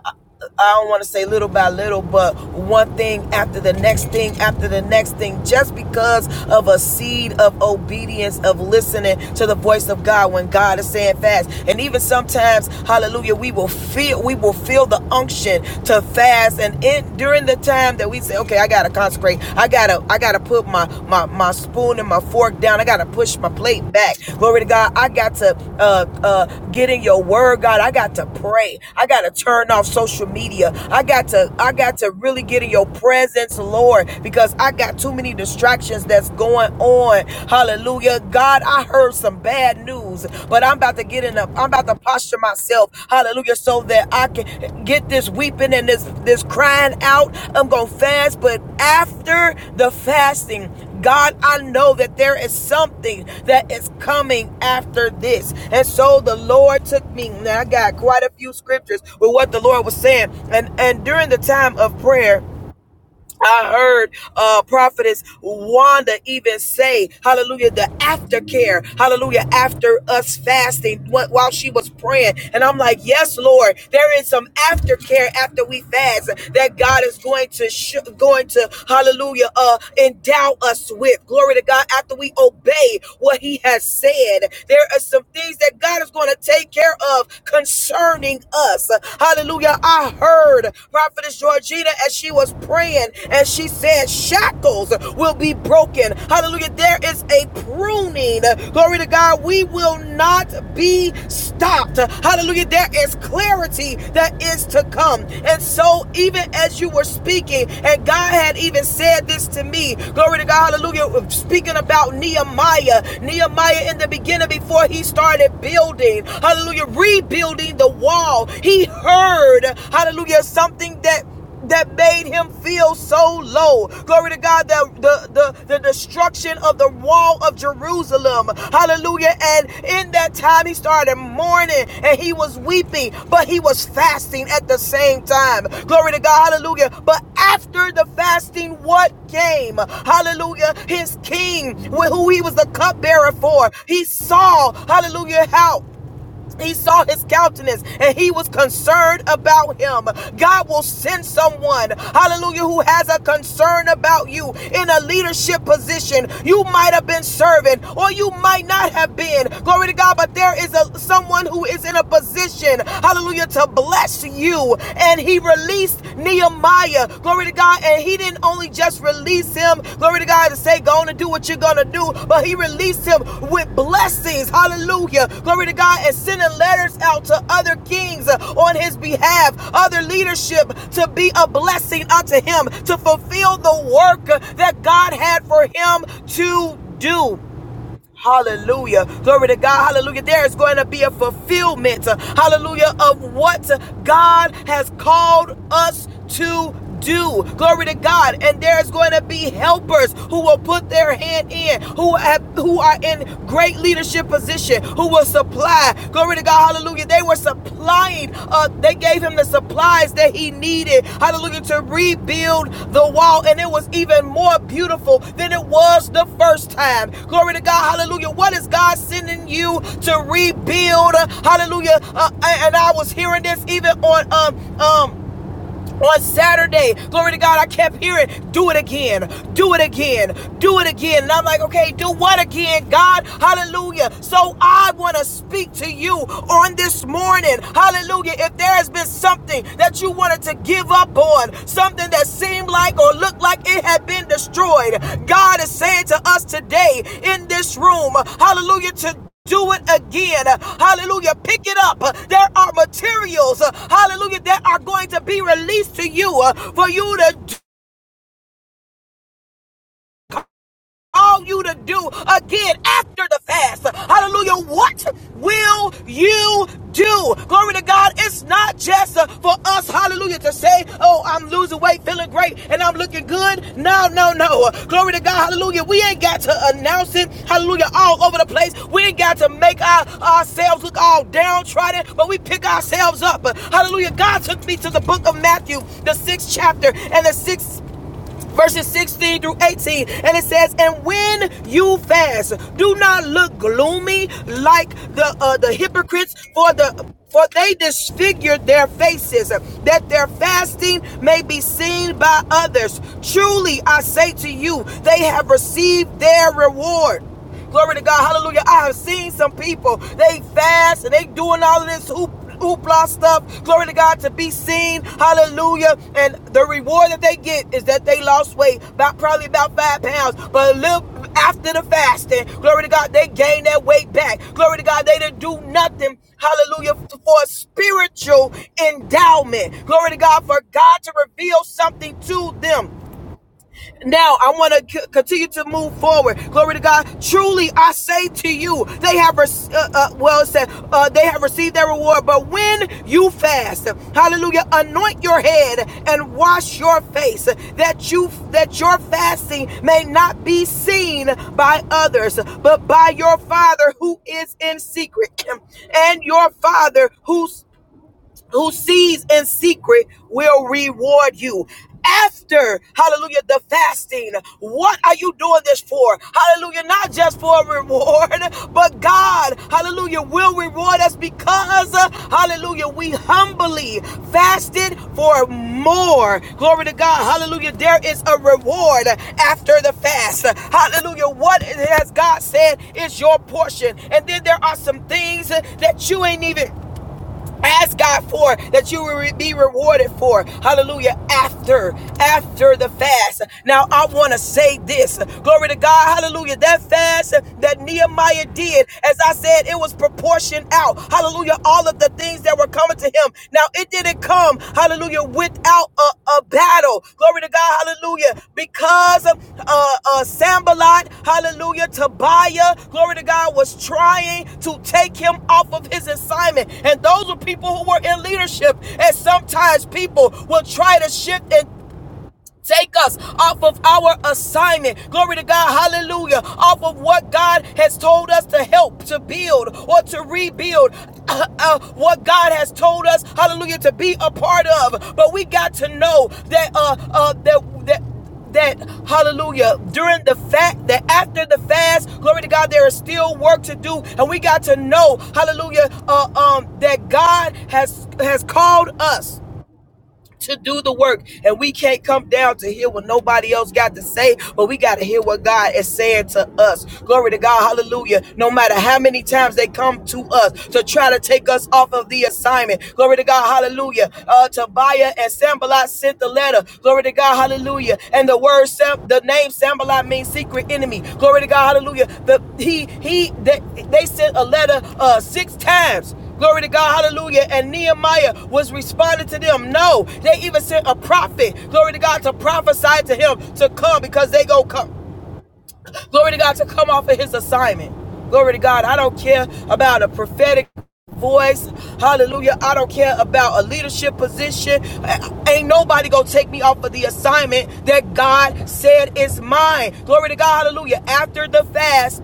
[SPEAKER 1] I don't want to say little by little, but one thing after the next thing after the next thing, just because of a seed of obedience, of listening to the voice of God when God is saying fast. And even sometimes, hallelujah, we will feel we will feel the unction to fast. And in during the time that we say, okay, I gotta consecrate, I gotta, I gotta put my my, my spoon and my fork down. I got to push my plate back. Glory to God. I got to uh, uh, get in your word, God. I got to pray. I got to turn off social media. I got to I got to really get in your presence, Lord, because I got too many distractions that's going on. Hallelujah. God, I heard some bad news, but I'm about to get in up. I'm about to posture myself. Hallelujah. So that I can get this weeping and this this crying out. I'm gonna fast, but after the fasting, God, I know that there is something that is coming after this. And so the Lord took me. Now I got quite a few scriptures with what the Lord was saying. And and during the time of prayer, I heard uh, prophetess Wanda even say, hallelujah, the aftercare, hallelujah, after us fasting wh- while she was praying. And I'm like, yes, Lord, there is some aftercare after we fast that God is going to, sh- going to, hallelujah, uh, endow us with. Glory to God, after we obey what he has said, there are some things that God is going to take care of concerning us. Hallelujah, I heard. Prophetess Georgina, as she was praying, and she said, shackles will be broken. Hallelujah. There is a pruning. Glory to God. We will not be stopped. Hallelujah. There is clarity that is to come. And so, even as you were speaking, and God had even said this to me, glory to God. Hallelujah. Speaking about Nehemiah, Nehemiah in the beginning before he started building, hallelujah, rebuilding the wall call. He heard, hallelujah, something that that made him feel so low. Glory to God, the, the, the, the destruction of the wall of Jerusalem. Hallelujah. And in that time, he started mourning and he was weeping, but he was fasting at the same time. Glory to God. Hallelujah. But after the fasting, what came? Hallelujah. His king, who he was the cupbearer for, he saw, hallelujah, how he saw his countenance and he was concerned about him. God will send someone, hallelujah, who has a concern about you in a leadership position. You might have been serving or you might not have been. Glory to God, but there is a someone who is in a position, hallelujah, to bless you. And he released Nehemiah. Hallelujah. Glory to God. And he didn't only just release him, glory to God, to say, go on and do what you're going to do, but he released him with blessings. Hallelujah. Glory to God. And sending letters out to other kings uh, on his behalf, other leadership to be a blessing unto him, to fulfill the work uh, that God had for him to do. Hallelujah. Glory to God. Hallelujah. There is going to be a fulfillment. uh, Hallelujah. Of what God has called us to do. Glory to God. And there's going to be helpers who will put their hand in, who have, who are in great leadership position, who will supply. Glory to God. Hallelujah. They were supplying, uh, they gave him the supplies that he needed. Hallelujah. To rebuild the wall. And it was even more beautiful than it was the first time. Glory to God. Hallelujah. What is God sending you to rebuild? Hallelujah. Uh, and I was hearing this even on um um on Saturday. Glory to God, I kept hearing, do it again, do it again, do it again. And I'm like, okay, do what again, God? Hallelujah. So I want to speak to you on this morning. Hallelujah. If there has been something that you wanted to give up on, something that seemed like or looked like it had been destroyed. God is saying to us today in this room, hallelujah, to do it again. Hallelujah. Pick it up. There are materials, hallelujah, that are going to be released to you uh, for you to do call you to do again after the fast. Hallelujah. What will you do? Glory to God. It's not just uh, for us, hallelujah, to say, oh, I'm losing weight, feeling great, and I'm looking good. No, no, no. Uh, Glory to God. Hallelujah. We ain't got to announce it. Hallelujah. All over the place. We ain't got to make our, ourselves look all downtrodden, but we pick ourselves up. Uh, Hallelujah. God took me to the book of Matthew, the sixth chapter and the sixth verses 16 through 18. And it says, And when you fast, do not look gloomy like the uh, the hypocrites, for the for they disfigured their faces, that their fasting may be seen by others. Truly I say to you, they have received their reward. Glory to God. Hallelujah. I have seen some people, they fast and they doing all of this hoop. Hoopla stuff, glory to God, to be seen, hallelujah. And the reward that they get is that they lost weight, about probably about five pounds. But a little after the fasting, glory to God, they gain that weight back. Glory to God, they didn't do nothing, hallelujah, for a spiritual endowment. Glory to God, for God to reveal something to them now I want to c- continue to move forward. Glory to God. Truly, I say to you, they have, rec- uh, uh, well, it said, uh, they have received their reward. But when you fast, hallelujah, anoint your head and wash your face that you, that your fasting may not be seen by others, but by your father who is in secret and your father who's who sees in secret will reward you. After, hallelujah, the fasting, what are you doing this for? Hallelujah, not just for a reward, [LAUGHS] but God, hallelujah, will reward us because, uh, hallelujah, we humbly fasted for more. Glory to God, hallelujah, there is a reward after the fast. Hallelujah, what has God said is your portion. And then there are some things that you ain't even Ask God for that you will be rewarded for. Hallelujah. After, after the fast. Now I want to say this. Glory to God. Hallelujah. That fast that Nehemiah did, as I said, it was proportioned out. Hallelujah. All of the things that were coming to him. Now it didn't come him, hallelujah, without a, a battle. Glory to God, hallelujah. Because of uh, uh, Sambalot, hallelujah, Tobiah, glory to God, was trying to take him off of his assignment. And those were people who were in leadership. And sometimes people will try to shift and take us off of our assignment. Glory to God. Hallelujah. Off of what God has told us to help, to build, or to rebuild. [COUGHS] uh, uh, what God has told us, hallelujah, to be a part of. But we got to know that uh, uh, that that that hallelujah during the fact that after the fast glory to god there is still work to do and we got to know hallelujah uh, um that god has has called us to do the work and we can't come down to hear what nobody else got to say but we got to hear what god is saying to us glory to god hallelujah no matter how many times they come to us to try to take us off of the assignment glory to god hallelujah uh tobiah and sambalot sent the letter glory to god hallelujah and the word Sam, the name sambalot means secret enemy glory to god hallelujah the he he they, they sent a letter uh six times Glory to God, hallelujah. And Nehemiah was responding to them. No, they even sent a prophet, glory to God, to prophesy to him to come because they go come. Glory to God, to come off of his assignment. Glory to God. I don't care about a prophetic voice. Hallelujah. I don't care about a leadership position. Ain't nobody gonna take me off of the assignment that God said is mine. Glory to God. Hallelujah. After the fast,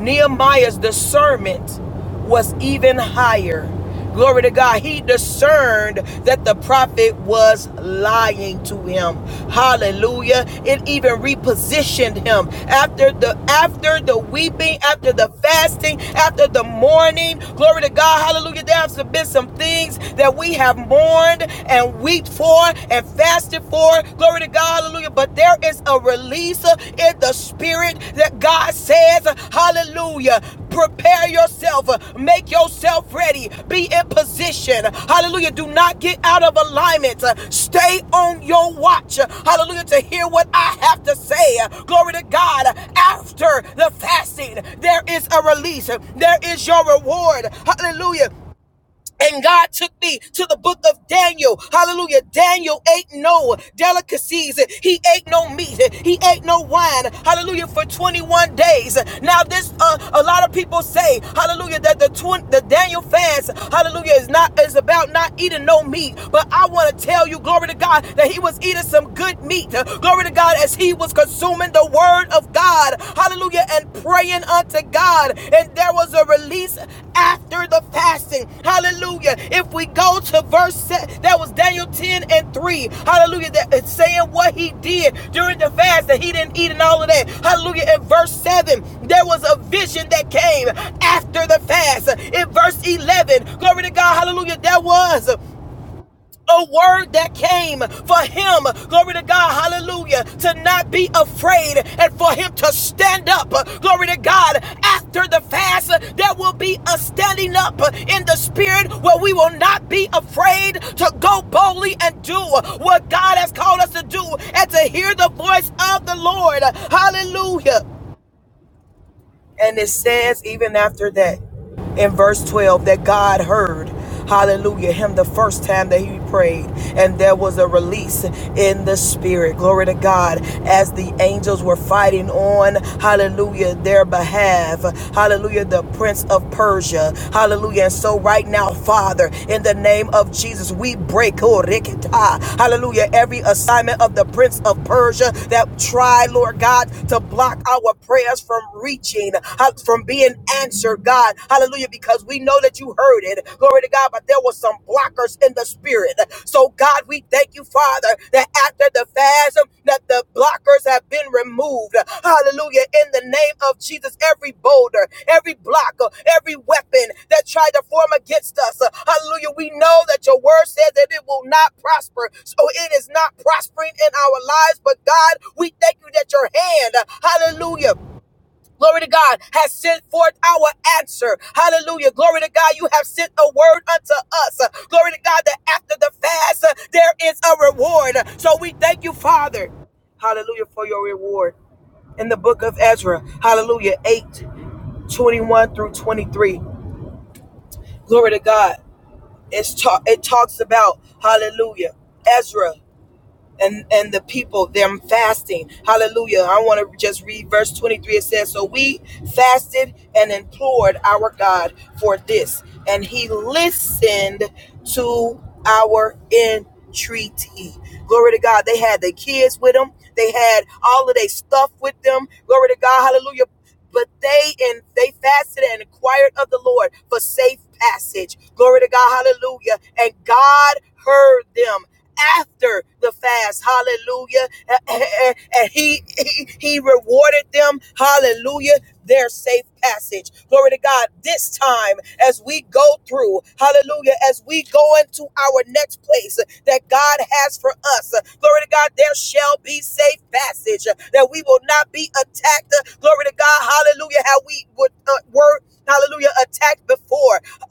[SPEAKER 1] Nehemiah's discernment was even higher. Glory to God. He discerned that the prophet was lying to him. Hallelujah. It even repositioned him after the after the weeping, after the fasting, after the mourning. Glory to God. Hallelujah. There have been some things that we have mourned and wept for and fasted for. Glory to God. Hallelujah. But there is a release uh, in the spirit that God says, uh, Hallelujah. Prepare yourself. uh, Make yourself ready. Be in position. Hallelujah. Do not get out of alignment. Uh, Stay on your watch. Uh, Hallelujah. To hear what I have to say. Uh, Glory to God. After the fasting, there is a release. There is your reward. Hallelujah. And God took me to the book of Daniel. Hallelujah. Daniel ate no delicacies. He ate no meat. He ate no wine. Hallelujah. For 21 days. Now, this, uh, a lot of people say, hallelujah, that the, twin, the Daniel fast, hallelujah, is not, is about not eating no meat. But I want to tell you, glory to God, that he was eating some good meat. Glory to God, as he was consuming the word word of God. Hallelujah. And praying unto God. And there was a release after the fasting. Hallelujah. If we go to verse that was Daniel 10 and 3. Hallelujah. That it's saying what he did during the fast that he didn't eat and all of that. Hallelujah. In verse 7, there was a vision that came after the fast. In verse 11, glory to God. Hallelujah. There was a word that came for him, glory to God, hallelujah, to not be afraid and for him to stand up, glory to God. After the fast, there will be a standing up in the spirit where we will not be afraid to go boldly and do what God has called us to do and to hear the voice of the Lord, hallelujah. And it says, even after that, in verse 12, that God heard, hallelujah, him the first time that he prayed. And there was a release in the spirit. Glory to God. As the angels were fighting on, hallelujah, their behalf. Hallelujah, the prince of Persia. Hallelujah. And so, right now, Father, in the name of Jesus, we break, oh, rikita, hallelujah, every assignment of the prince of Persia that tried, Lord God, to block our prayers from reaching, uh, from being answered, God. Hallelujah, because we know that you heard it. Glory to God, but there were some blockers in the spirit. So, God, we thank you, Father, that after the fast, um, that the blockers have been removed. Hallelujah, in the name of Jesus, every boulder, every blocker, every weapon that tried to form against us. uh, Hallelujah, we know that your word says that it will not prosper. So, it is not prospering in our lives, but God, we thank you that your hand, uh, hallelujah glory to God, has sent forth our answer. Hallelujah. Glory to God, you have sent a word unto us. Uh, Glory to God, that after the fast, uh, there is a reward. So we thank you, Father. Hallelujah, for your reward. In the book of Ezra, hallelujah, 8 21 through 23. Glory to God. It's ta- it talks about, hallelujah, Ezra and and the people them fasting hallelujah i want to just read verse 23 it says so we fasted and implored our god for this and he listened to our entreaty glory to god they had their kids with them they had all of their stuff with them glory to god hallelujah but they and they fasted and inquired of the Lord for safe passage. Glory to God, hallelujah. And God heard them after the fast, hallelujah. [CLEARS THROAT] And he he, he rewarded them, hallelujah, their safe passage. Glory to glory to God, this time as we go through, hallelujah, as we go into our next place that God has for us. Glory to God, there shall be safe passage, that we will not be attacked. Glory to God, hallelujah, how we would, uh, were, hallelujah, attacked before.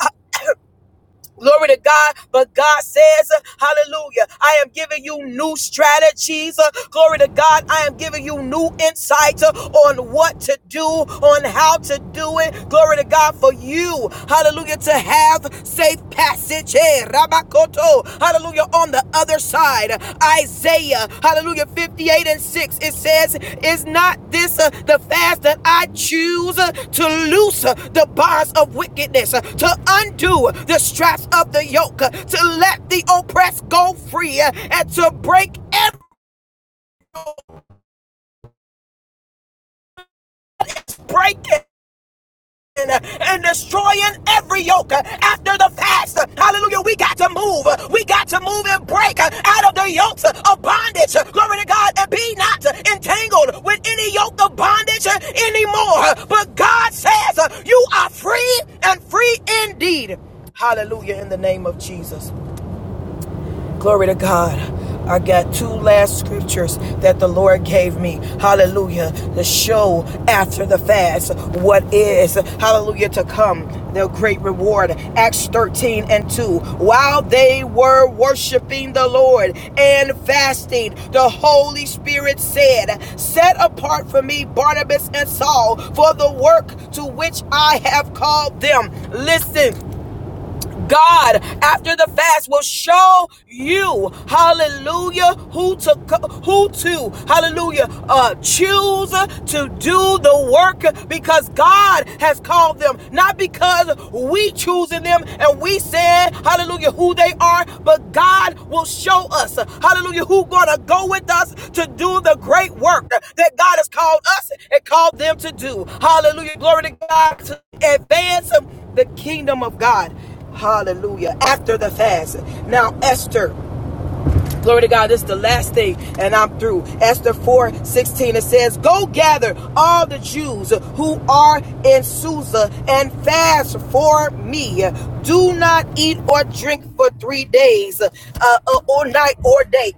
[SPEAKER 1] Glory to God. But God says, uh, Hallelujah, I am giving you new strategies. Uh, Glory to God. I am giving you new insights uh, on what to do, on how to do it. Glory to God for you. Hallelujah. To have safe passage. Hey, Rabakoto. Hallelujah on the other side. Isaiah, hallelujah, 58 and 6, it says, Is not this uh, the fast that I choose uh, to loose uh, the bonds of wickedness, uh, to undo the straps of the yoke, uh, to let the oppressed go free, uh, and to break every break it and destroying every yoke after the fast. Hallelujah. We got to move. We got to move and break out of the yokes of bondage. Glory to God. And be not entangled with any yoke of bondage anymore. But God says you are free and free indeed. Hallelujah in the name of Jesus. Glory to God. I got two last scriptures that the Lord gave me. Hallelujah. The show after the fast. What is, hallelujah, to come. The great reward. Acts 13 and 2. While they were worshiping the Lord and fasting, the Holy Spirit said, Set apart for me Barnabas and Saul for the work to which I have called them. Listen God after the fast will show you, hallelujah, who to who to, hallelujah, uh choose to do the work because God has called them, not because we choosing them and we said, hallelujah, who they are, but God will show us, hallelujah, who gonna go with us to do the great work that God has called us and called them to do. Hallelujah. Glory to God to advance the kingdom of God. Hallelujah. After the fast. Now, Esther. Glory to God. This is the last thing, and I'm through. Esther 4 16 It says, Go gather all the Jews who are in Susa and fast for me. Do not eat or drink for three days, uh, uh, or night or day.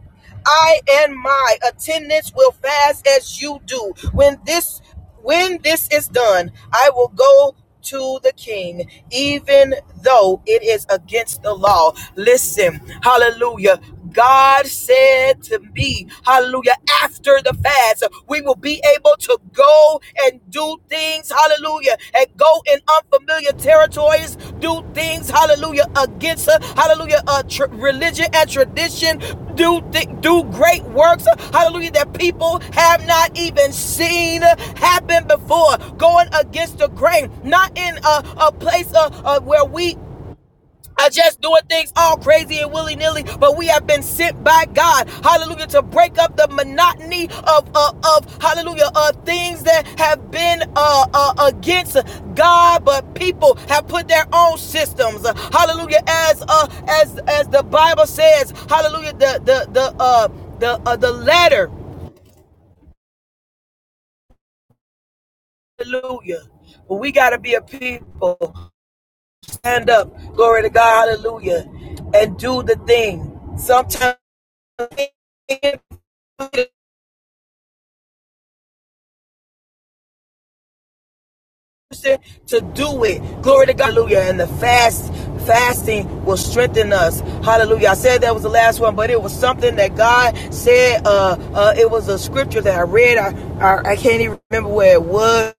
[SPEAKER 1] I and my attendants will fast as you do. When this when this is done, I will go to the king, even though it is against the law. Listen, hallelujah. God said to me, hallelujah, after the fast, we will be able to go and do things, hallelujah, and go go in unfamiliar territories, do things, hallelujah, against, uh, hallelujah, uh, tr- religion and tradition, do, thi- do great works, uh, hallelujah, that people have not even seen uh, happen before, going against the grain, not in a, a place uh, uh, where we are just doing things all crazy and willy nilly, but we have been sent by God, hallelujah, to break up the monotony of, uh, of hallelujah, uh, things that have been uh, uh, against God, but people have put their own systems, uh, hallelujah, as uh, as as the Bible says, hallelujah, the the the uh, the uh, the ladder. hallelujah. But we gotta be a people stand up, glory to God, hallelujah, and do the thing. Sometimes. to do it. Glory to God. Hallelujah. And the fast fasting will strengthen us. Hallelujah. I said that was the last one, but it was something that God said. Uh, uh, it was a scripture that I read. I, I, I can't even remember where it was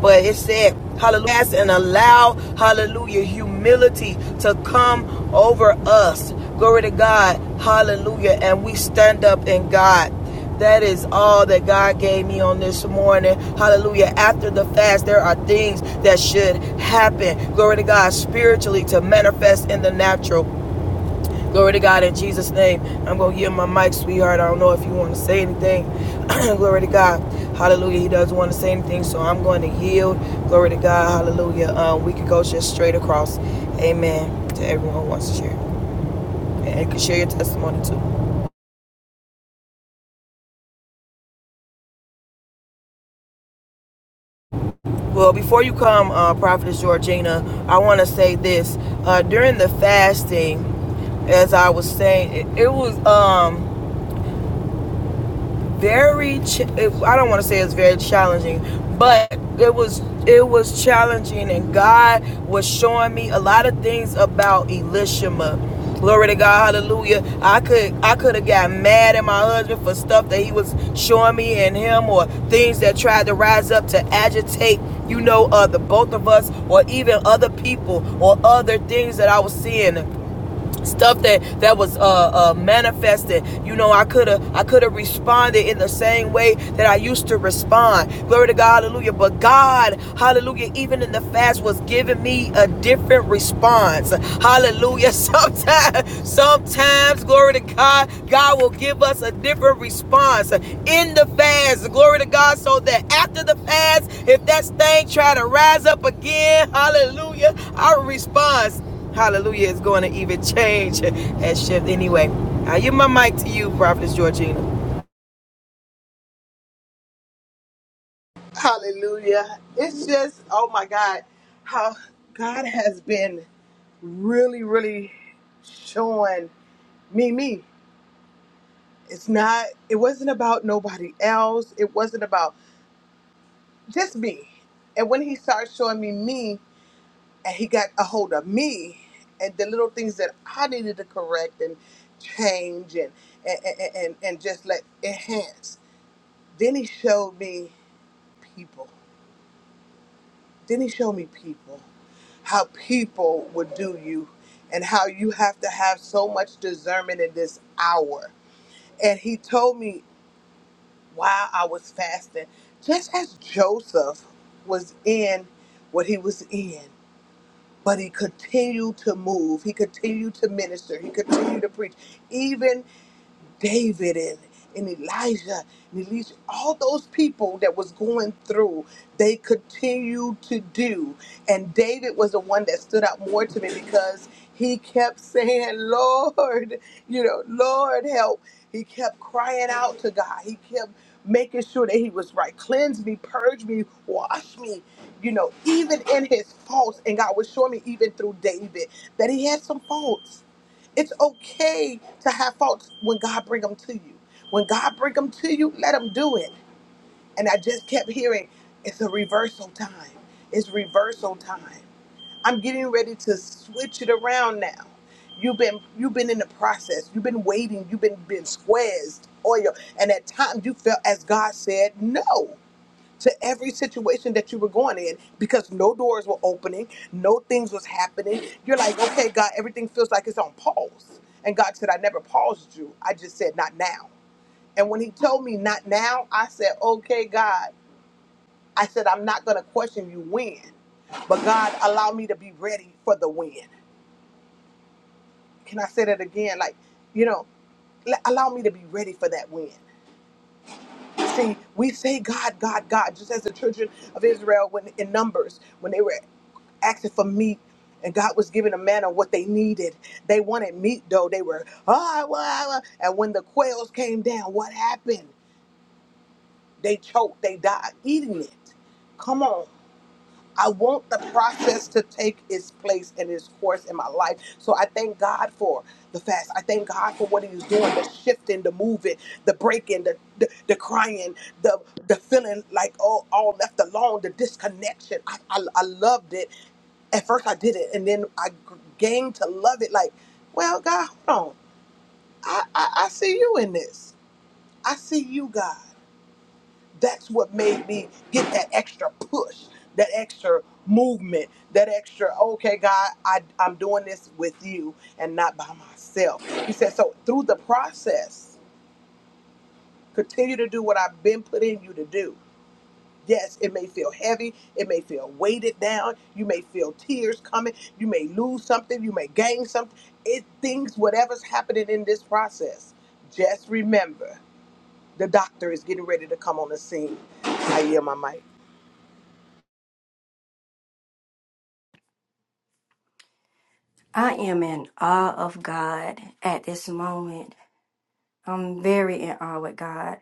[SPEAKER 1] But it said, hallelujah, and allow, hallelujah, humility to come over us. Glory to God, hallelujah. And we stand up in God. That is all that God gave me on this morning. Hallelujah. After the fast, there are things that should happen. Glory to God, spiritually to manifest in the natural. Glory to God in Jesus' name. I'm going to give my mic, sweetheart. I don't know if you want to say anything. [CLEARS THROAT] Glory to God. Hallelujah. He doesn't want to say anything, so I'm going to yield. Glory to God. Hallelujah. Um, we could go just straight across. Amen. To everyone who wants to share. And can share your testimony too. Well, before you come, uh, Prophetess Georgina, I want to say this. Uh, during the fasting, as I was saying, it, it was. um very ch- I don't want to say it's very challenging, but it was it was challenging and God was showing me a lot of things about Elishama. Glory to God, hallelujah. I could I could have got mad at my husband for stuff that he was showing me and him or things that tried to rise up to agitate, you know, uh the both of us or even other people or other things that I was seeing stuff that that was uh, uh, manifested. You know, I could have I could have responded in the same way that I used to respond. Glory to God, Hallelujah. But God, Hallelujah, even in the fast was giving me a different response. Hallelujah. [LAUGHS] Sometimes, sometimes, glory to God, God will give us a different response in the fast. Glory to God, so that after the fast, if that thing try to rise up again, Hallelujah, our response. Hallelujah is going to even change and shift. Anyway, I give my mic to you, Prophetess Georgina.
[SPEAKER 3] Hallelujah. It's just, oh my God, how God has been really, really showing me, me. It's not, it wasn't about nobody else. It wasn't about just me. And when he started showing me me, and he got a hold of me, and the little things that I needed to correct and change and and, and, and and just like enhance, then he showed me people. Then he showed me people, how people would do you, and how you have to have so much discernment in this hour. And he told me while I was fasting, just as Joseph was in what he was in, but he continued to move, he continued to minister, he continued to preach, even David and, and Elijah and Elisha, all those people that was going through, they continued to do. And David was the one that stood out more to me because he kept [LAUGHS] saying, Lord, you know, Lord help. He kept crying out to God. He kept making sure that he was right. Cleanse me, purge me, wash me, you know, even in his faults. And God was showing me even through David that he had some faults it's okay to have faults when God bring them to you. When God bring them to you, let him do it. And I just kept hearing, it's a reversal time. It's reversal time. I'm getting ready to switch it around now. You've been you've been in the process. You've been waiting. You've been been squeezed oil, and at times you felt as God said no to every situation that you were going in because no doors were opening, no things was happening. You're like, okay, God, everything feels like it's on pause. And God said, I never paused you. I just said, not now. And when he told me not now, I said, okay, God, I said, I'm not going to question you when, but God, allow me to be ready for the when. Can I say that again? Like, you know, l- allow me to be ready for that win. say we say God, God, God, just as the children of Israel when in Numbers, when they were asking for meat and God was giving a man of what they needed. They wanted meat though. They were, ah, well, ah, ah." and when the quails came down, what happened? They choked, they died eating it. Come on. I want the process to take its place and its course in my life. So I thank God for the fast. I thank God for what He's doing, the shifting, the moving, the breaking, the the, the crying, the the feeling like oh all left alone, the disconnection. I, I I loved it. At first I did it, and then I g- gained to love it. Like, well, God, hold on. I I, I see you in this. I see you, God. That's what made me get that extra push, that extra movement, that extra, okay, God, I, I'm doing this with you and not by myself. He said, so through the process, continue to do what I've been putting you to do. Yes, it may feel heavy. It may feel weighted down. You may feel tears coming. You may lose something. You may gain something. It things, whatever's happening in this process. Just remember, the doctor is getting ready to come on the scene. I hear my mic.
[SPEAKER 2] I am in awe of God at this moment. I'm very in awe with God.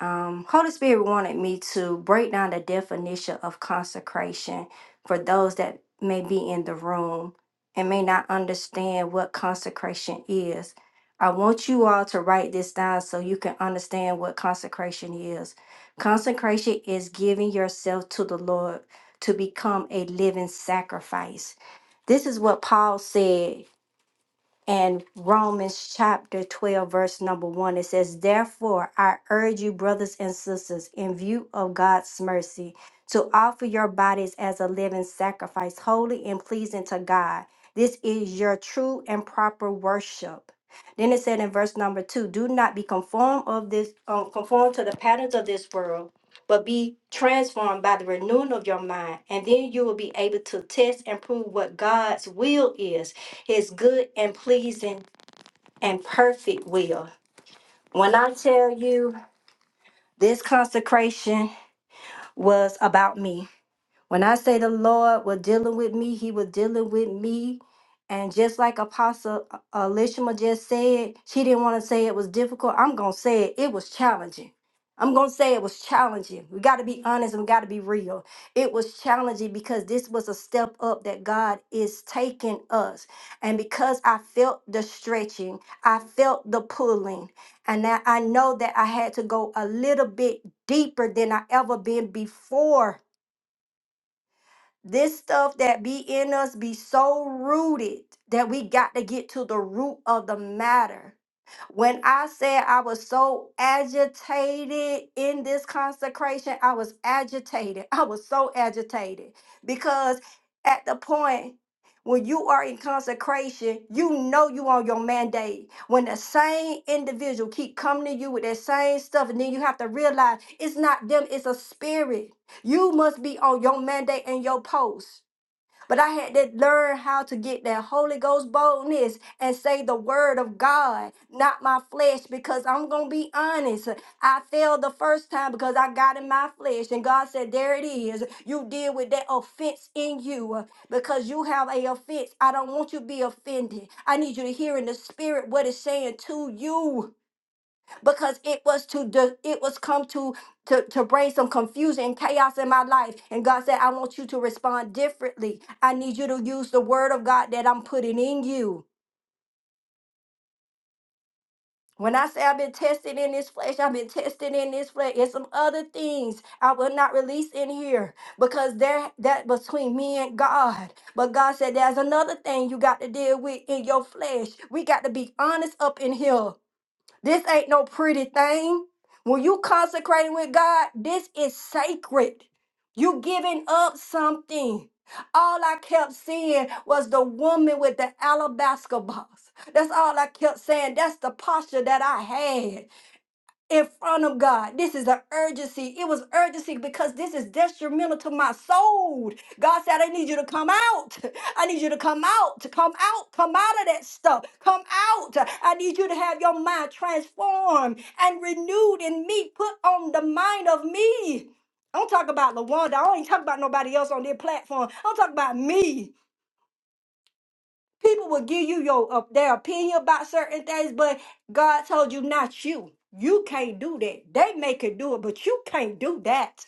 [SPEAKER 2] Um, Holy Spirit wanted me to break down the definition of consecration for those that may be in the room and may not understand what consecration is. I want you all to write this down so you can understand what consecration is. Consecration is giving yourself to the Lord to become a living sacrifice. This is what Paul said and Romans chapter 12, verse number 1, it says, Therefore, I urge you, brothers and sisters, in view of God's mercy, to offer your bodies as a living sacrifice, holy and pleasing to God. This is your true and proper worship. Then it said in verse number two, do not be conformed of this um, conform to the patterns of this world, but be transformed by the renewing of your mind, and then you will be able to test and prove what God's will is his good and pleasing and perfect will. When I tell you this consecration was about me, when I say the Lord was dealing with me, He was dealing with me. And just like Apostle uh, Elishama just said, she didn't want to say it was difficult. I'm going to say it, it was challenging. I'm going to say it was challenging. We got to be honest and we got to be real. It was challenging because this was a step up that God is taking us. And because I felt the stretching, I felt the pulling. And I I know that I had to go a little bit deeper than I ever been before this stuff that be in us be so rooted that we got to get to the root of the matter. When I said I was so agitated in this consecration, I was agitated. I was so agitated because at the point when you are in consecration, you know you on your mandate. When the same individual keep coming to you with that same stuff, and then you have to realize it's not them, it's a spirit. You must be on your mandate and your post. But I had to learn how to get that Holy Ghost boldness and say the word of God, not my flesh, because I'm going to be honest. I failed the first time because I got in my flesh. And God said, There it is. You deal with that offense in you because you have a offense. I don't want you to be offended. I need you to hear in the spirit what it's saying to you because it was to de- it was come to, to to bring some confusion and chaos in my life and god said i want you to respond differently i need you to use the word of god that i'm putting in you when I say I've been tested in this flesh, I've been tested in this flesh. And some other things I will not release in here because there that between me and God. But God said there's another thing you got to deal with in your flesh. We got to be honest up in here. This ain't no pretty thing. When you consecrating with God, this is sacred. You giving up something. All I kept seeing was the woman with the alabaster box. That's all I kept saying. That's the posture that I had in front of God. This is an urgency. It was urgency because this is detrimental to my soul. God said, I need you to come out. I need you to come out, to come out, come out of that stuff. Come out. I need you to have your mind transformed and renewed in me. Put on the mind of me. I don't talk about LaWanda. I don't even talk about nobody else on their platform. I don't talk about me. People will give you your uh, their opinion about certain things, but God told you not you. You can't do that. They make it do it, but you can't do that.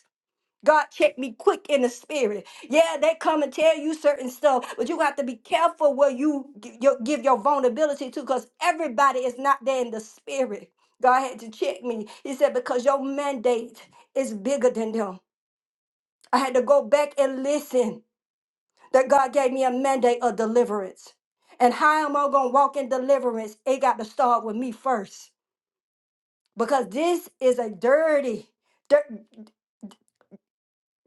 [SPEAKER 2] God checked me quick in the spirit. Yeah, they come and tell you certain stuff, but you have to be careful where you gi- your- give your vulnerability to, because everybody is not there in the spirit. God had to check me. He said because your mandate is bigger than them. I had to go back and listen that God gave me a mandate of deliverance. And how am I going to walk in deliverance? It got to start with me first. Because this is a dirty, dirt,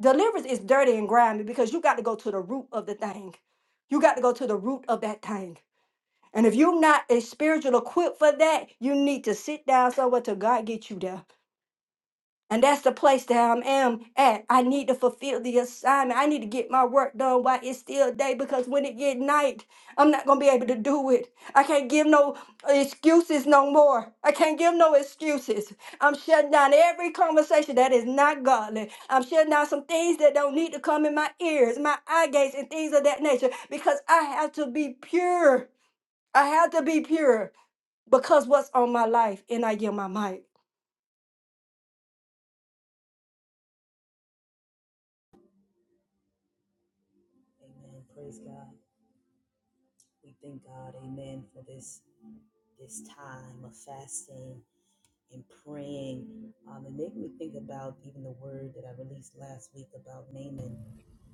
[SPEAKER 2] deliverance is dirty and grimy because you got to go to the root of the thing. You got to go to the root of that thing. And if you're not a spiritual equipped for that, you need to sit down somewhere till God get you there. And that's the place that I am at. I need to fulfill the assignment. I need to get my work done while it's still day because when it get night, I'm not gonna be able to do it. I can't give no excuses no more. I can't give no excuses. I'm shutting down every conversation that is not godly. I'm shutting down some things that don't need to come in my ears, my eye gates, and things of that nature because I have to be pure. I have to be pure because what's on my life, and I give my mic.
[SPEAKER 4] Amen. Praise God. We thank God, amen, for this this time of fasting and praying. Um, it made me think about even the word that I released last week about Naaman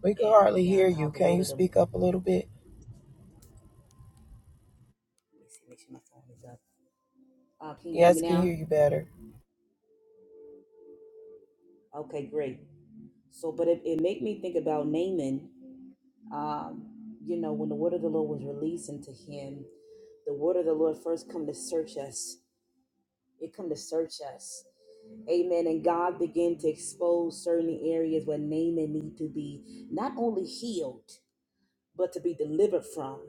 [SPEAKER 1] We can
[SPEAKER 4] and
[SPEAKER 1] hardly hear
[SPEAKER 4] um, how
[SPEAKER 1] you.
[SPEAKER 4] the
[SPEAKER 1] Can
[SPEAKER 4] word
[SPEAKER 1] you
[SPEAKER 4] of the let
[SPEAKER 1] speak up a little bit?
[SPEAKER 4] me see, make sure my phone is up. Uh, can you hear
[SPEAKER 1] Yes,
[SPEAKER 4] me
[SPEAKER 1] can
[SPEAKER 4] now?
[SPEAKER 1] hear you better.
[SPEAKER 4] Okay, great. So, but it, it made me think about Naaman. Um, you know, when the word of the Lord was released into him, the word of the Lord first come to search us It come to search us. Amen. And God began to expose certain areas where Naaman need to be not only healed, but to be delivered from.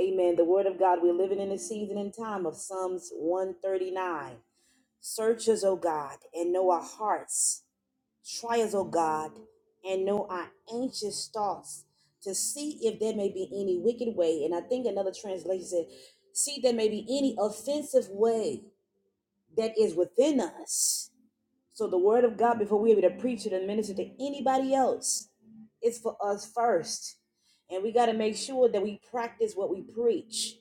[SPEAKER 4] Amen. The word of God, we're living in a season and time of Psalms 139. Search us, O God, and know our hearts. Try us, O God, and know our anxious thoughts to see if there may be any wicked way. And I think another translation said, see there may be any offensive way that is within us. So the word of God, before we able to preach it and minister to anybody else, it's for us first. And we got to make sure that we practice what we preach.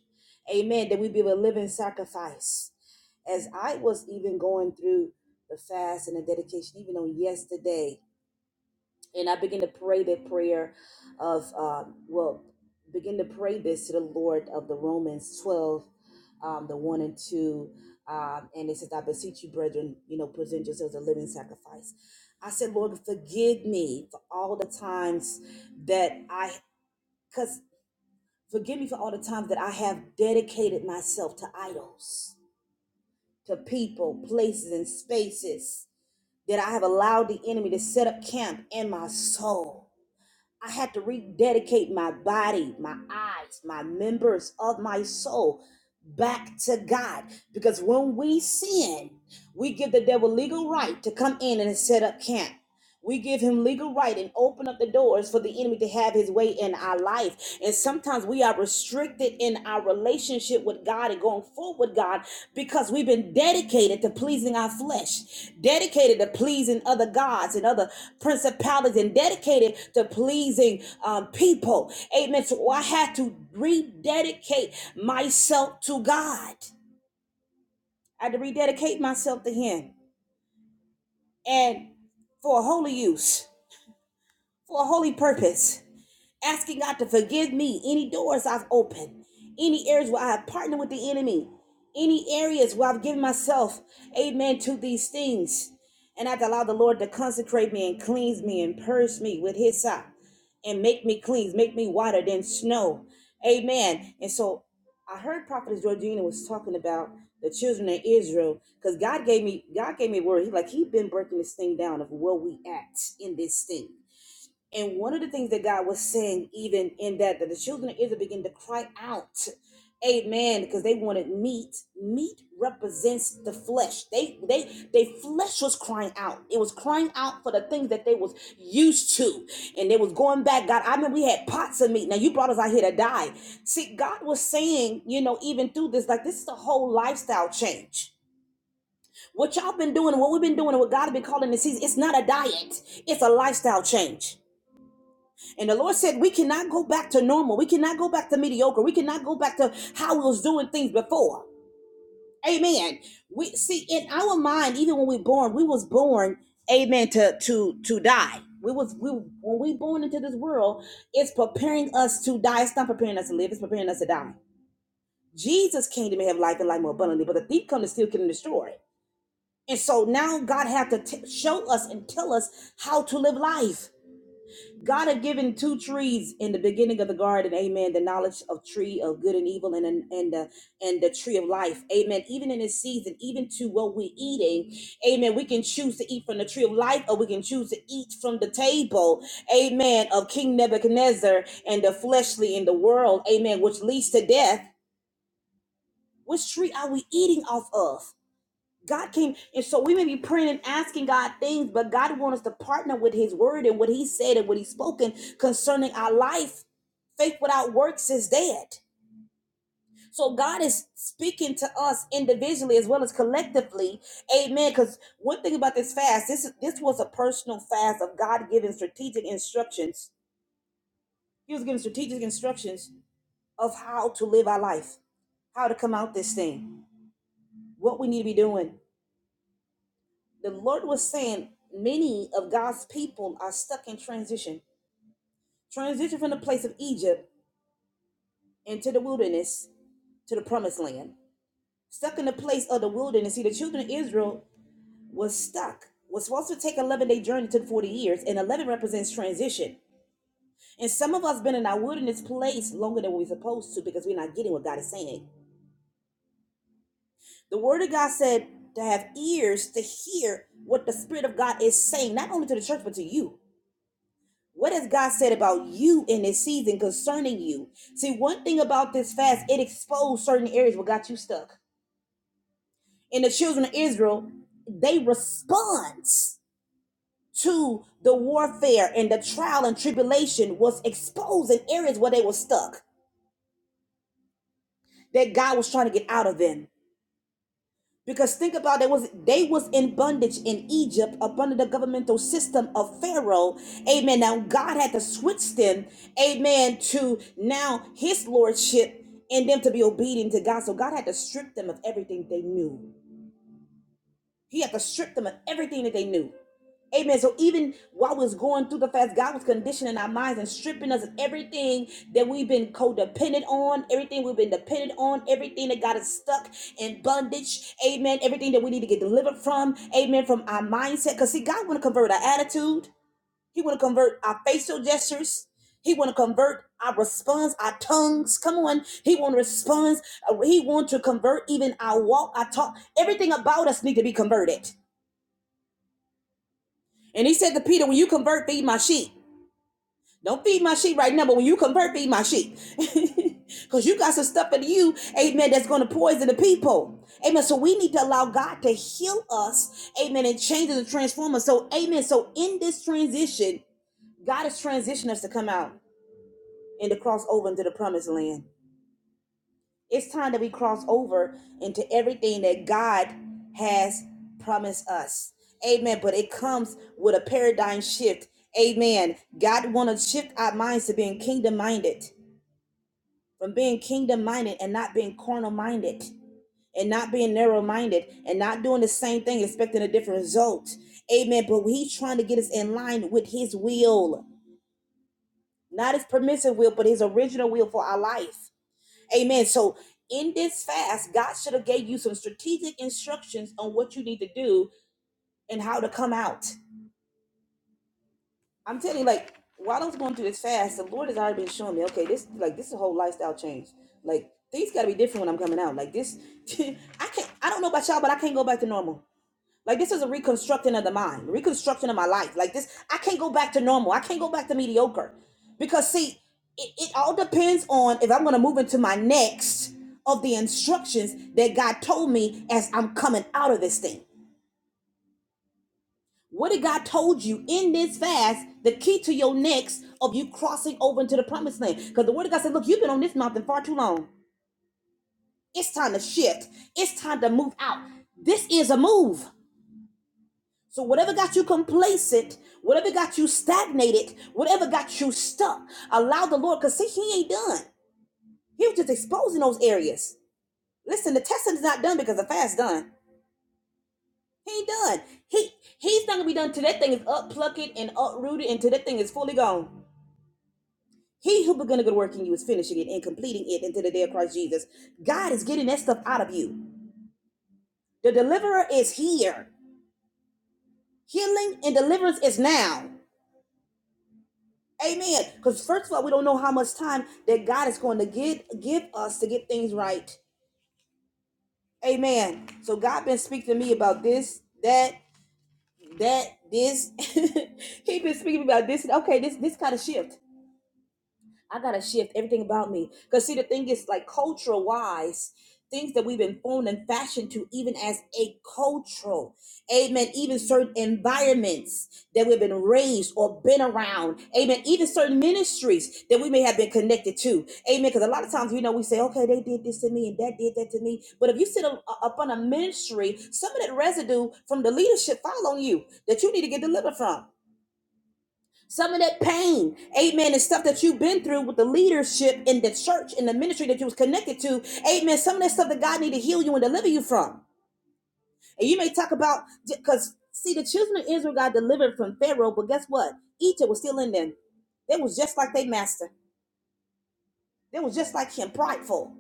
[SPEAKER 4] Amen. That we be a living sacrifice. As I was even going through the fast and the dedication, even on yesterday, and I begin to pray that prayer of um, well, begin to pray this to the Lord of the Romans twelve, um, the one and two, um, and it says, "I beseech you, brethren, you know, present yourselves a living sacrifice." I said, "Lord, forgive me for all the times that I, cause forgive me for all the times that I have dedicated myself to idols, to people, places, and spaces." That I have allowed the enemy to set up camp in my soul I had to rededicate my body, my eyes, my members of my soul back to God. Because when we sin, we give the devil legal right to come in and set up camp. We give him legal right and open up the doors for the enemy to have his way in our life. And sometimes we are restricted in our relationship with God and going forward with God because we've been dedicated to pleasing our flesh, dedicated to pleasing other gods and other principalities, and dedicated to pleasing um, people. Amen. So I had to rededicate myself to God. I had to rededicate myself to Him and for a holy use, for a holy purpose. asking God to forgive me any doors I've opened, any areas where I have partnered with the enemy, any areas where I've given myself, amen, to these things. And I've allowed the Lord to consecrate me and cleanse me and purge me with His side and make me clean, make me whiter than snow. Amen. And so I heard Prophetess Georgina was talking about the children of Israel because God gave me God gave me a word. He like He been breaking this thing down of where we at in this thing. And one of the things that God was saying, even in that, that the children of Israel began to cry out, Amen, because they wanted meat. Meat represents the flesh. They they they flesh was crying out. It was crying out for the things that they was used to. And they was going back. God, I mean, we had pots of meat. Now you brought us out here to die. See, God was saying, you know, even through this, like this is a whole lifestyle change. What y'all been doing, what we've been doing, and what God has been calling this season, it's not a diet, it's a lifestyle change. And the Lord said, We cannot go back to normal. We cannot go back to mediocre. We cannot go back to how we was doing things before. Amen. We see in our mind, even when we were born, we was born, amen, to to to die. We was we when we born into this world, it's preparing us to die. It's not preparing us to live, it's preparing us to die. Jesus came to me have life and life more abundantly, but the thief come to steal, kill, and destroy. And so now God had to t- show us and tell us how to live life. God had given two trees in the beginning of the garden, amen. The knowledge of tree of good and evil and, and, and the and the tree of life. Amen. Even in this season, even to what we're eating, amen. We can choose to eat from the tree of life, or we can choose to eat from the table, amen, of King Nebuchadnezzar and the fleshly in the world, amen, which leads to death. Which tree are we eating off of? God came, and so we may be praying and asking God things, but God wants us to partner with His word and what He said and what He's spoken concerning our life. Faith without works is dead. So God is speaking to us individually as well as collectively, Amen. Because one thing about this fast, this this was a personal fast of God giving strategic instructions. He was giving strategic instructions of how to live our life, how to come out this thing, what we need to be doing. the Lord was saying many of God's people are stuck in transition. Transition from the place of Egypt into the wilderness to the promised land. Stuck in the place of the wilderness. See, the children of Israel was stuck. Was supposed to take 11 day journey took 40 years, and 11 represents transition. And some of us been in our wilderness place longer than we're supposed to because we're not getting what God is saying. The word of God said to have ears to hear what the Spirit of God is saying, not only to the church, but to you. What has God said about you in this season concerning you? See, one thing about this fast, it exposed certain areas what got you stuck. And the children of Israel, they respond to the warfare and the trial and tribulation was exposing areas where they were stuck that God was trying to get out of them. Because think about it was they was in bondage in Egypt up under the governmental system of Pharaoh. Amen. Now God had to switch them, amen, to now his lordship and them to be obedient to God. So God had to strip them of everything they knew. He had to strip them of everything that they knew. Amen. So even while we was going through the fast, God was conditioning our minds and stripping us of everything that we've been codependent on, everything we've been dependent on, everything that got us stuck in bondage. Amen. Everything that we need to get delivered from. Amen. From our mindset. Because see, God want to convert our attitude. He want to convert our facial gestures. He want to convert our response, our tongues. Come on. He want to respond. He want to convert even our walk, our talk. Everything about us need to be converted. And he said to Peter, when you convert, feed my sheep. Don't feed my sheep right now, but when you convert, feed my sheep. [LAUGHS] Because you got some stuff in you, amen, that's going to poison the people. Amen. So we need to allow God to heal us, amen, and change us and transform us. So, amen. So in this transition, God is transitioning us to come out. and to cross over into the promised land. It's time that we cross over into everything that God has promised us. Amen. But it comes with a paradigm shift. Amen. God wants to shift our minds to being kingdom minded, from being kingdom minded and not being carnal minded, and not being narrow minded, and not doing the same thing expecting a different result. Amen. But He's trying to get us in line with His will, not His permissive will, but His original will for our life. Amen. So in this fast, God should have gave you some strategic instructions on what you need to do and how to come out. I'm telling you, like while I was going through this fast, the Lord has already been showing me, okay, this like this is a whole lifestyle change. Like things got to be different when I'm coming out. Like this, [LAUGHS] I can't. I don't know about y'all, but I can't go back to normal. Like this is a reconstructing of the mind, reconstruction of my life. Like this, I can't go back to normal. I can't go back to mediocre, because see, it, it all depends on if I'm going to move into my next of the instructions that God told me as I'm coming out of this thing. What did God told you in this fast? The key to your next of you crossing over into the promised land, because the Word of God said, "Look, you've been on this mountain far too long. It's time to shift. It's time to move out. This is a move." So, whatever got you complacent, whatever got you stagnated, whatever got you stuck, allow the Lord, because see, He ain't done. He was just exposing those areas. Listen, the testing is not done because the fast done. He ain't done. He He's not gonna be done till that thing is upplucked and uprooted until that thing is fully gone. He who begun a good work in you is finishing it and completing it until the day of Christ Jesus. God is getting that stuff out of you. The deliverer is here. Healing and deliverance is now. Amen. Because first of all, we don't know how much time that God is going to give give us to get things right. Amen. So God been speaking to me about this, that, that, this. [LAUGHS] he been speaking about this. Okay, this this kind of shift. I gotta shift everything about me. Cause see, the thing is, like cultural wise, things that we've been formed and fashioned to, even as a cultural, amen. Even certain environments that we've been raised or been around, amen. Even certain ministries that we may have been connected to, amen. Because a lot of times, you know, we say, okay, they did this to me and that did that to me. But if you sit up up on a ministry, some of that residue from the leadership fall on you that you need to get delivered from. Some of that pain, amen, and stuff that you've been through with the leadership in the church, in the ministry that you was connected to, amen. Some of that stuff that God need to heal you and deliver you from. And you may talk about, because see, the children of Israel got delivered from Pharaoh, but guess what? Egypt was still in them. They was just like their master. They was just like him, prideful,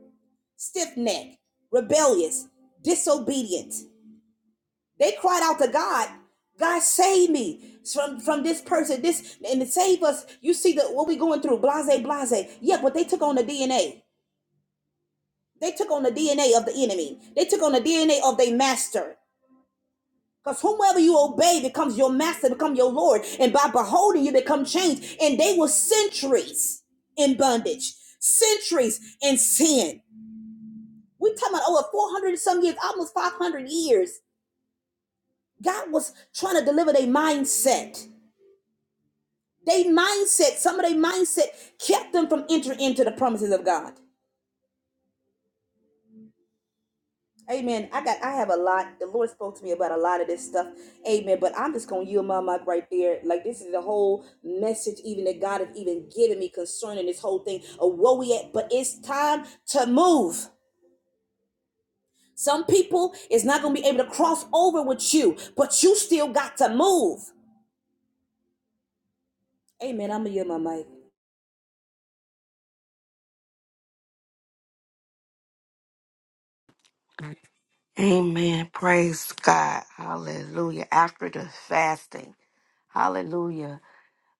[SPEAKER 4] stiff necked, rebellious, disobedient. They cried out to God, God save me from from this person, this and save us. You see the what we going through, blase, blase. Yeah, but they took on the DNA. They took on the DNA of the enemy. They took on the DNA of their master. Because whomever you obey becomes your master, become your Lord. And by beholding you become changed. And they were centuries in bondage, centuries in sin. We're talking about over 400 and some years, almost 500 years. God was trying to deliver their mindset. They mindset, some of their mindset kept them from entering into the promises of God. Amen. I got I have a lot. The Lord spoke to me about a lot of this stuff. Amen. But I'm just gonna yield my mic right there. Like this is the whole message even that God has even given me concerning this whole thing of where we at. But it's time to move. Some people is not gonna be able to cross over with you, but you still got to move. Amen. I'm gonna yield my mic.
[SPEAKER 5] Amen. Praise God. Hallelujah. After the fasting. Hallelujah.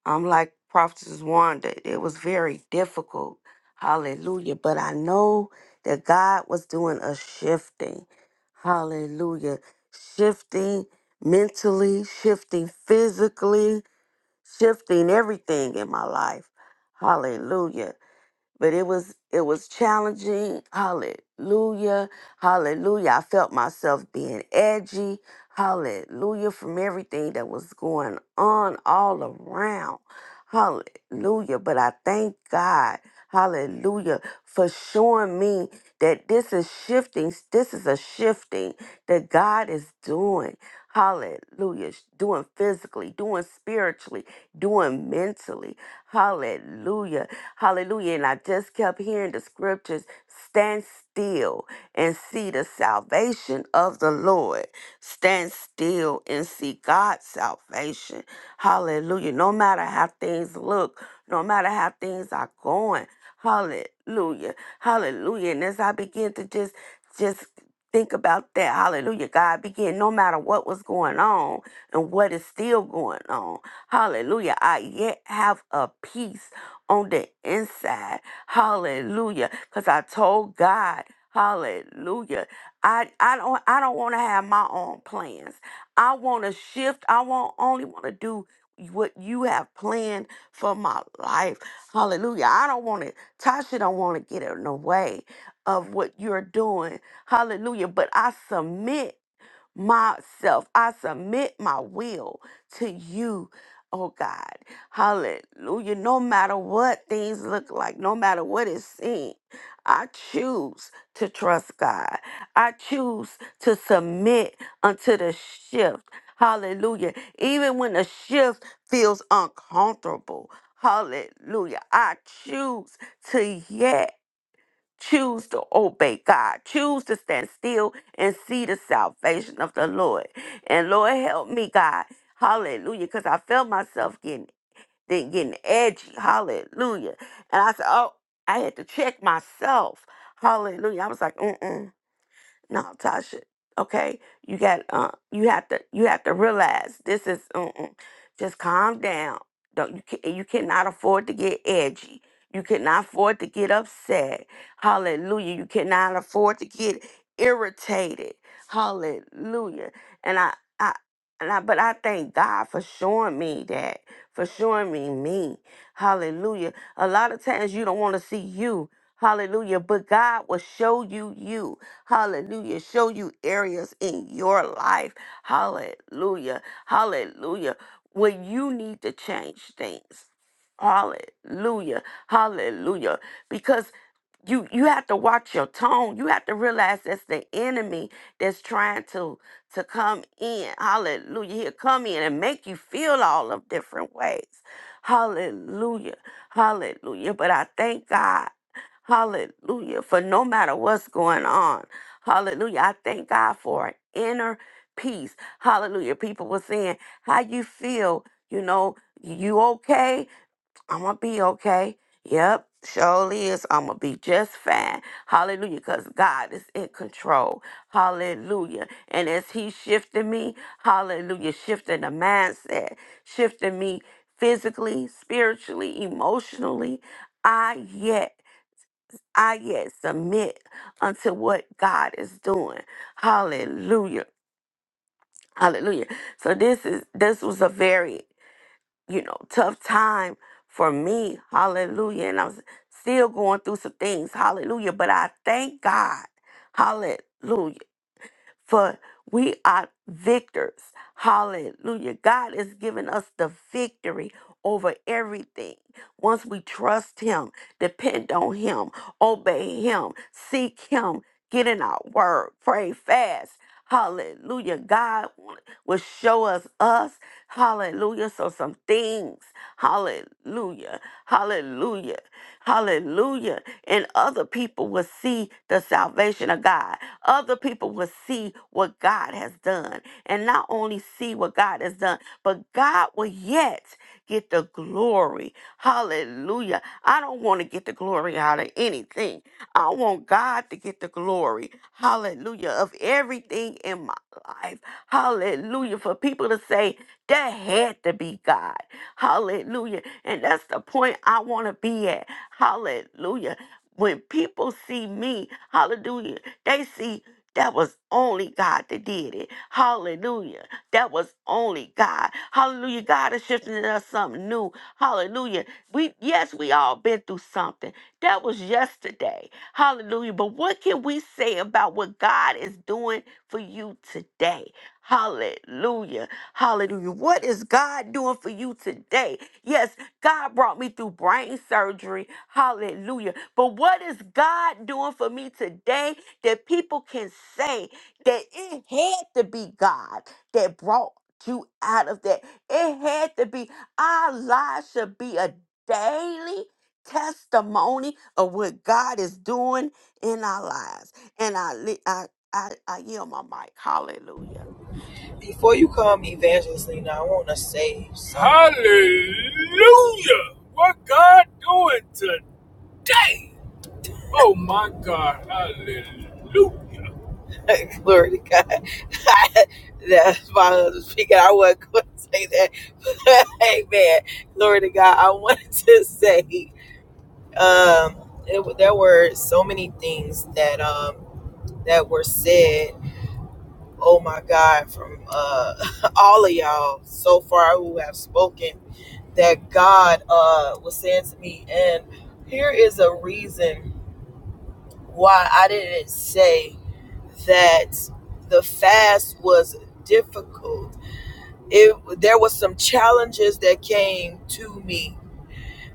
[SPEAKER 5] I'm like Prophetess Wanda. It was very difficult. Hallelujah. But I know that God was doing a shifting. Hallelujah. Shifting mentally, shifting physically, shifting everything in my life. Hallelujah but it was it was challenging hallelujah hallelujah i felt myself being edgy hallelujah from everything that was going on all around hallelujah but i thank god hallelujah for showing me that this is shifting this is a shifting that god is doing hallelujah doing physically doing spiritually doing mentally hallelujah Hallelujah. And I just kept hearing the scriptures stand still and see the salvation of the Lord. Stand still and see God's salvation. Hallelujah. No matter how things look, no matter how things are going. Hallelujah. Hallelujah. And as I begin to just just think about that, hallelujah, God began no matter what was going on and what is still going on. Hallelujah. I yet have a peace on the inside. Hallelujah. Cause I told God, hallelujah. I, I don't I don't want to have my own plans. I want to shift. I want only want to do what you have planned for my life. Hallelujah. I don't want to Tasha don't want to get in the way of what you're doing. Hallelujah. But I submit myself. I submit my will to you, oh God. Hallelujah. No matter what things look like, no matter what it seems, I choose to trust God. I choose to submit unto the shift. Hallelujah. Even when the shift feels uncomfortable. Hallelujah. I choose to yes. Choose to obey God. Choose to stand still and see the salvation of the Lord. And Lord, help me, God. Hallelujah. Because I felt myself getting then getting edgy. Hallelujah. And I said, oh, I had to check myself. Hallelujah. I was like, mm-mm. No, Tasha. Okay, you got uh, you have to you have to realize this is mm-mm. just calm down. Don't you can, you cannot afford to get edgy. You cannot afford to get upset. Hallelujah. You cannot afford to get irritated. Hallelujah. And I I and I but I thank God for showing me that for showing me me. Hallelujah. A lot of times you don't want to see you. Hallelujah. But God will show you you. Hallelujah. Show you areas in your life. Hallelujah. Hallelujah. Where you need to change things. Hallelujah. Hallelujah. Because you you have to watch your tone. You have to realize that's the enemy that's trying to to come in. Hallelujah. He'll come in and make you feel all of different ways. Hallelujah. Hallelujah. But I thank God. Hallelujah. For no matter what's going on. Hallelujah. I thank God for an inner peace. Hallelujah. People were saying, How you feel? You know, you okay? I'm going to be okay. Yep, surely is. I'm going to be just fine. Hallelujah. Because God is in control. Hallelujah. And as He shifted me, hallelujah, shifting the mindset, shifting me physically, spiritually, emotionally, I yet I yet submit unto what God is doing. Hallelujah. Hallelujah. So this is this was a very, you know, tough time for me. Hallelujah. And I'm still going through some things. Hallelujah. But I thank God. Hallelujah for we are victors. Hallelujah. God has given us the victory over everything. Once we trust Him, depend on Him, obey Him, seek Him, get in our word, pray fast. Hallelujah. God wa- will show us us. Hallelujah. So some things. Hallelujah. Hallelujah. Hallelujah. And other people will see the salvation of God. Other people will see what God has done. And not only see what God has done, but God will yet get the glory. Hallelujah. I don't want to get the glory out of anything. I want God to get the glory. Hallelujah. Of everything in my life. Hallelujah. For people to say, that had to be God. Hallelujah. And that's the point I want to be at. Hallelujah. When people see me, hallelujah. They see that was only God that did it. Hallelujah. That was only God. Hallelujah. God is shifting in us something new. Hallelujah. We yes, we all been through something. That was yesterday. Hallelujah. But what can we say about what God is doing for you today? Hallelujah. Hallelujah. What is God doing for you today? Yes, God brought me through brain surgery. Hallelujah. But what is God doing for me today that people can say that it had to be God that brought you out of that? It had to be. Our lives should be a daily testimony of what God is doing in our lives. And I, li- I, I, I yield my mic. Hallelujah.
[SPEAKER 1] Before you call me Evangelist Lena, I want to say something. Hallelujah! What God doing today? Oh my God! Hallelujah! [LAUGHS] Glory to God. [LAUGHS] That's my husband speaking. I wasn't going to say that. [LAUGHS] amen. Glory to God. I wanted to say. um, it, there were so many things that um, that were said. Oh my God, from uh, [LAUGHS] all of y'all so far who have spoken, that God uh, was saying to me, and here is a reason why I didn't say that the fast was difficult. It there was some challenges that came to me.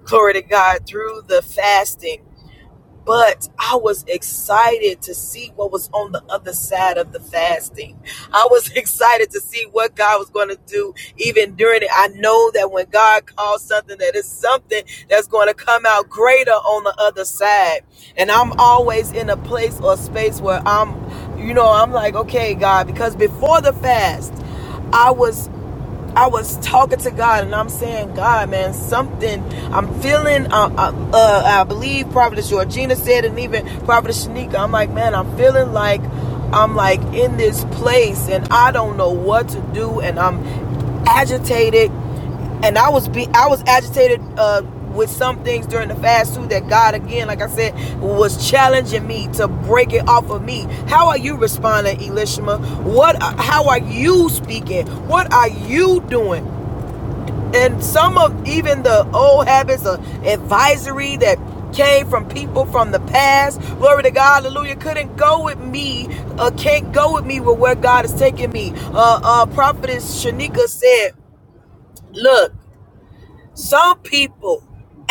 [SPEAKER 1] Glory to God through the fasting but I was excited to see what was on the other side of the fasting. I was [LAUGHS] excited to see what God was going to do even during it. I know that when God calls something, that it's something that's going to come out greater on the other side. And I'm always in a place or space where I'm, you know, I'm like, okay, God, because before the fast, I was. I was talking to God and I'm saying, God, man, something I'm feeling. Uh, uh, uh, I believe Prophetess Georgina said, and even Prophetess Shanika. I'm like, man, I'm feeling like I'm like in this place and I don't know what to do, and I'm agitated and I was be I was agitated uh, with some things during the fast too that God again, like I said, was challenging me to break it off of me. How are you responding, Elishma? What? How are you speaking? What are you doing? And some of even the old habits of advisory that came from people from the past glory to god hallelujah couldn't go with me uh, can't go with me with where god is taking me uh uh prophetess shanika said look some people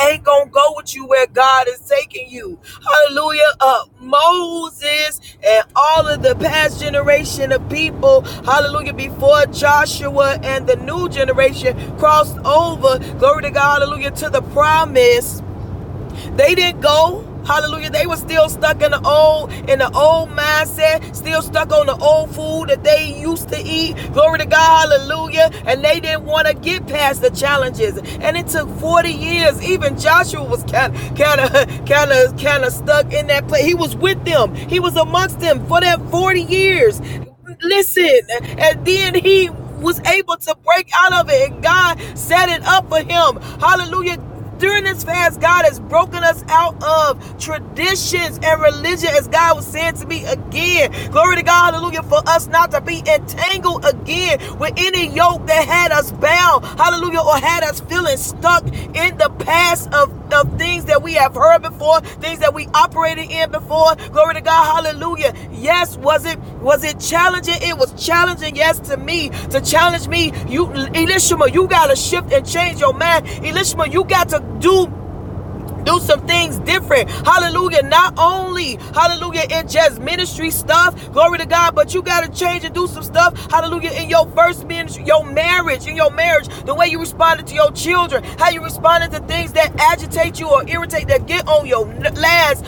[SPEAKER 1] ain't gonna go with you where God is taking you. Hallelujah. Uh, Moses and all of the past generation of people, hallelujah, before Joshua and the new generation crossed over, glory to God, hallelujah, to the promise. They didn't go. Hallelujah. They were still stuck in the old, in the old mindset, still stuck on the old food that they used to eat. Glory to God. Hallelujah. And they didn't want to get past the challenges. And it took 40 years. Even Joshua was kind of, kind of, kind of, kind of [LAUGHS] stuck in that place. He was with them. He was amongst them for that 40 years. Listen. And then he was able to break out of it and God set it up for him. Hallelujah. During this fast, God has broken us out of traditions and religion, as God was saying to me again. Glory to God, hallelujah, for us not to be entangled again with any yoke that had us bound, hallelujah, or had us feeling stuck in the past past of, of things that we have heard before, things that we operated in before. Glory to God, hallelujah. Yes, was it was it challenging? It was challenging, yes, to me, to challenge me. You Elishama, you gotta shift and change your mind. Elishama, you got to do do some things different. Hallelujah. Not only, hallelujah, in just ministry stuff, glory to God, but you got to change and do some stuff, hallelujah, in your first ministry, your marriage, in your marriage, the way you responded to your children, how you responded to things that agitate you or irritate, that get on your last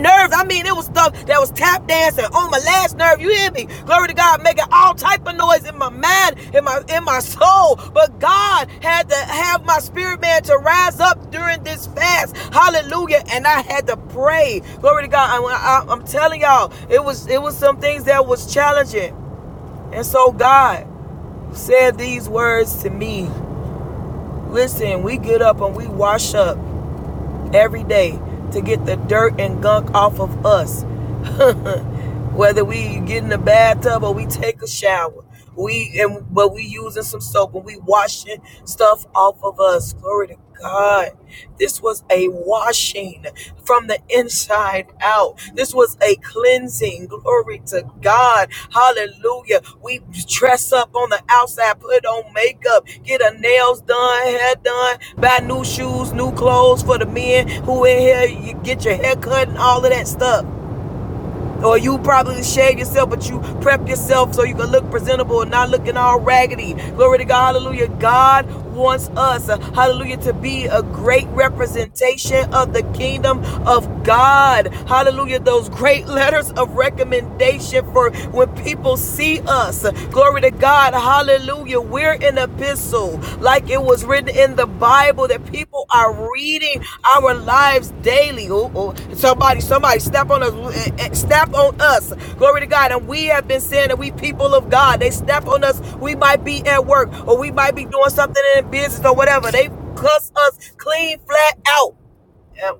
[SPEAKER 1] nerves. I mean, it was stuff that was tap dancing on my last nerve. You hear me? Glory to God, making all type of noise in my mind, in my in my soul. But God had to have my spirit man to rise up during this fast. Hallelujah! And I had to pray. Glory to God. And I, I'm telling y'all, it was it was some things that was challenging. And so God said these words to me. Listen, we get up and we wash up every day to get the dirt and gunk off of us. [LAUGHS] whether we get in the bathtub or we take a shower. We and but we using some soap and we washing stuff off of us. Glory to God. This was a washing from the inside out. This was a cleansing. Glory to God. Hallelujah. We dress up on the outside, put on makeup, get our nails done, hair done, buy new shoes, new clothes for the men who in here. You get your hair cut and all of that stuff or you probably shaved yourself, but you prep yourself so you can look presentable and not looking all raggedy. Glory to God, hallelujah. God wants us, uh, hallelujah, to be a great representation of the kingdom of God. Hallelujah, those great [LAUGHS] letters of recommendation for when people see us. Glory to God, hallelujah. We're an epistle, like it was written in the Bible, that people are reading our lives daily. Ooh, ooh. Somebody, somebody, step on us, eh, eh, step on us. Glory to God. And we have been saying that we people of God. They step on us. We might be at work, or we might be doing something in business, or whatever. They cuss us clean flat out. Yeah.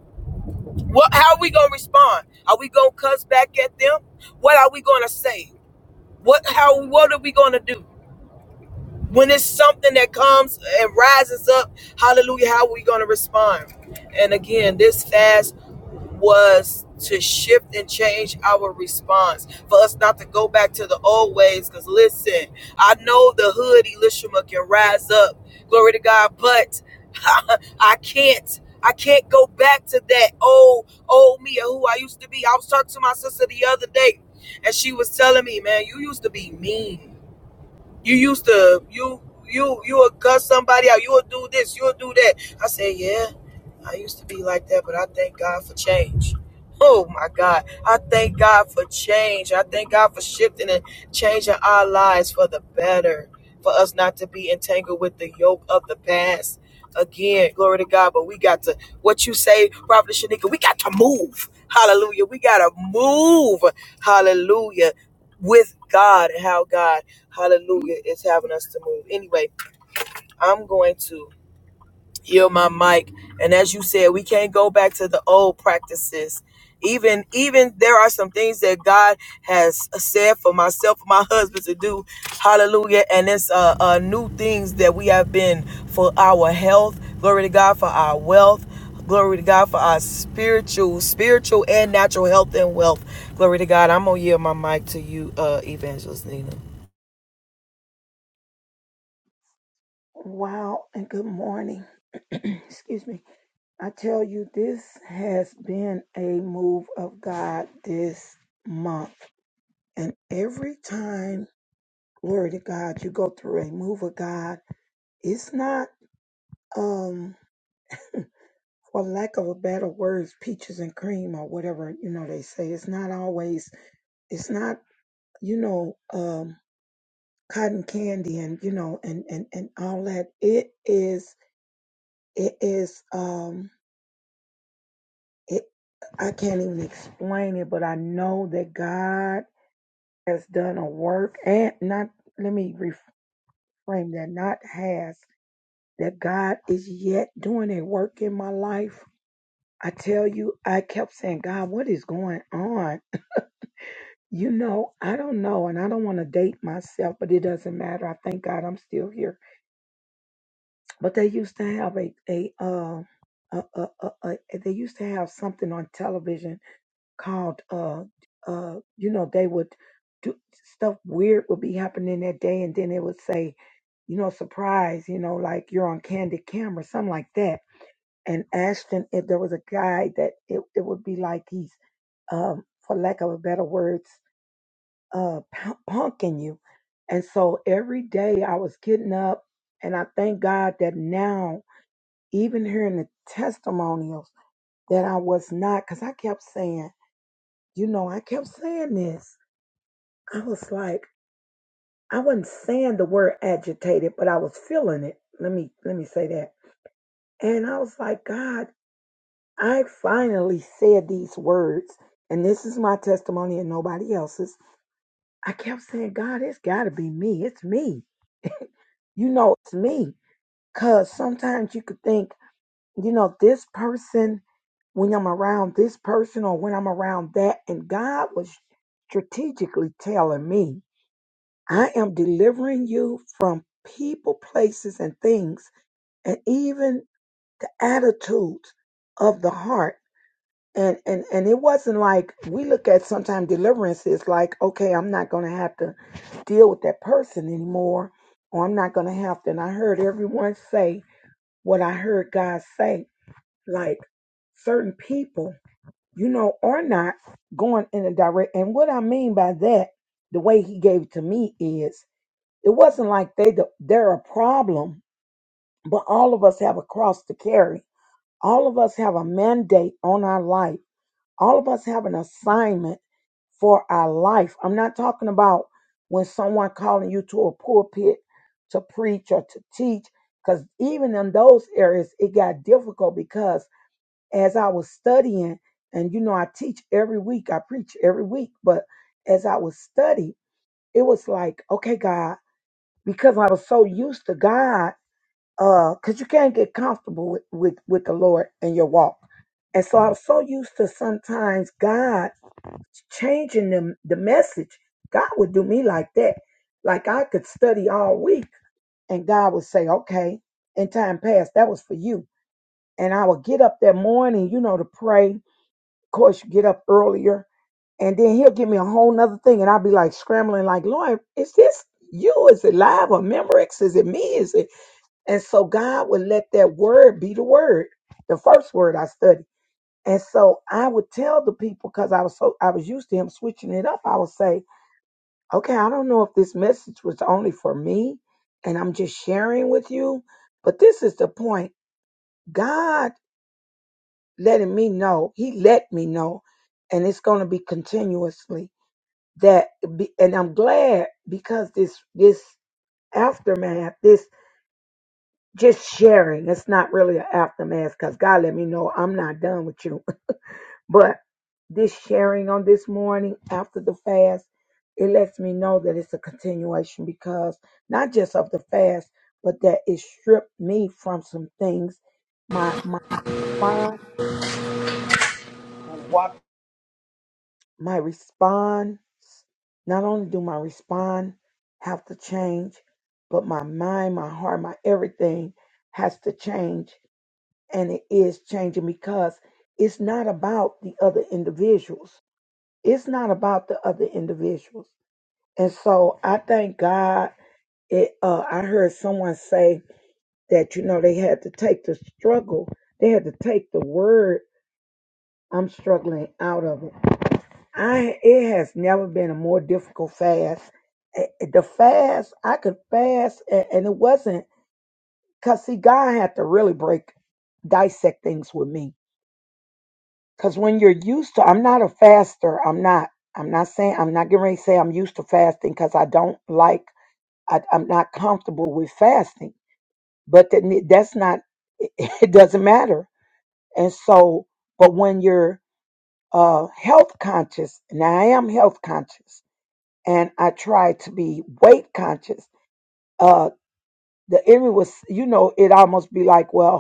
[SPEAKER 1] What? How are we gonna respond? Are we gonna cuss back at them? What are we gonna say? What? How? What are we gonna do? when it's something that comes and rises up, hallelujah, how are we going to respond? And again, this fast was to shift and change our response for us not to go back to the old ways. Because listen, I know the hood Elishama can rise up, glory to God, but [LAUGHS] I can't. I can't go back to that old, old me or who I used to be. I was talking to my sister the other day, and she was telling me, man, you used to be mean. You used to you you you would cuss somebody out. You would do this. You would do that. I said, yeah, I used to be like that, but I thank God for change. Oh my God. I thank God for change. I thank God for shifting and changing our lives for the better, for us not to be entangled with the yoke of the past. Again, glory to God. But we got to, what you say, Prophet Shanika, we got to move. Hallelujah. We got to move. Hallelujah with God and how God, hallelujah, is having us to move. Anyway, I'm going to yield my mic. And as you said, we can't go back to the old practices. Even even there are some things that God has said for myself, for my husband to do. Hallelujah. And it's uh, uh new things that we have been for our health. Glory to God for our wealth. Glory to God for our spiritual, spiritual and natural health and wealth. Glory to God. I'm gonna yield my mic to you, uh, Evangelist Nina.
[SPEAKER 6] Wow, and good morning. [CLEARS THROAT] Excuse me. I tell you, this has been a move of God this month. And every time, glory to God, you go through a move of God, it's not, um, for lack of a better words, peaches and cream or whatever, you know, they say. It's not always, it's not, you know, um, cotton candy and, you know, and, and, and all that. It is, it is, Um. It, I can't even explain it, but I know that God has done a work and not, let me reframe that, not has, that God is yet doing a work in my life. I tell you, I kept saying, God, what is going on? You know, I don't know, and I don't want to date myself, but it doesn't matter. I thank God I'm still here. But they used to have a a uh a, a, a, a they used to have something on television called uh uh you know they would do stuff weird would be happening that day and then it would say you know surprise you know like you're on candid camera something like that and ashton if there was a guy that it, it would be like he's um for lack of a better words uh punk- punking you and so every day i was getting up and i thank god that now even hearing the testimonials that i was not because i kept saying you know i kept saying this I was like, I wasn't saying the word agitated, but I was feeling it. Let me let me say that. And I was like, God, I finally said these words, and this is my testimony and nobody else's. I kept saying, God, it's gotta be me. It's me. You know it's me. Cause sometimes you could think, you know, this person, when I'm around this person or when I'm around that, and God was strategically telling me. I am delivering you from people, places, and things, and even the attitudes of the heart. And and and it wasn't like we look at sometimes deliverance is like, okay, I'm not gonna have to deal with that person anymore, or I'm not gonna have to. And I heard everyone say what I heard God say, like certain people, you know, are not going in a direct. And what I mean by that, the way He gave it to me is it wasn't like they the, they're a problem, but all of us have a cross to carry. All of us have a mandate on our life. All of us have an assignment for our life. I'm not talking about when someone calling you to a pulpit to preach or to teach, because even in those areas it got difficult because as I was studying, and you know I teach every week, I preach every week, but as I was study, it was like, okay, God because I was so used to God, because you can't get comfortable with, with, with the Lord in your walk. And so I was so used to sometimes God changing the, the message. God would do me like that. Like I could study all week and God would say, okay, in time past, that was for you. And I would get up that morning, you know, to pray. Of course, you get up earlier and then he'll give me a whole nother thing and i'll be like scrambling like lord is this you is it live or memorex is it me is it and so God would let that word be the word, the first word I studied. And so I would tell the people because I was so I was used to him switching it up. I would say, okay, I don't know if this message was only for me and I'm just sharing with you, but this is the point. God letting me know, He let me know, and it's gonna be continuously that be, and I'm glad because this this aftermath, this. just sharing. It's not really an aftermath because God let me know I'm not done with you. [LAUGHS] But this sharing on this morning after the fast, it lets me know that it's a continuation because not just of the fast, but that it stripped me from some things. My my response,
[SPEAKER 3] Why-
[SPEAKER 6] my response. Not only do my response have to change, but my mind, my heart, my everything has to change and it is changing because it's not about the other individuals. It's not about the other individuals. And so I thank God. It, uh, I heard someone say that, you know, they had to take the struggle, they had to take the word I'm struggling out of it. I It has never been a more difficult fast. Eh, eh, The fast, I could fast, a- and it wasn't because, see, God had to really break, dissect things with me Cause when you're used to, I'm not a faster. I'm not. I'm not saying. I'm not getting ready to say I'm used to fasting because I don't like. I, I'm not comfortable with fasting. But that, ne- that's not. [LAUGHS] It doesn't matter. And so, but when you're uh, health conscious, and I am health conscious, and I try to be weight conscious. Uh, the enemy was, you know, it almost be like, well,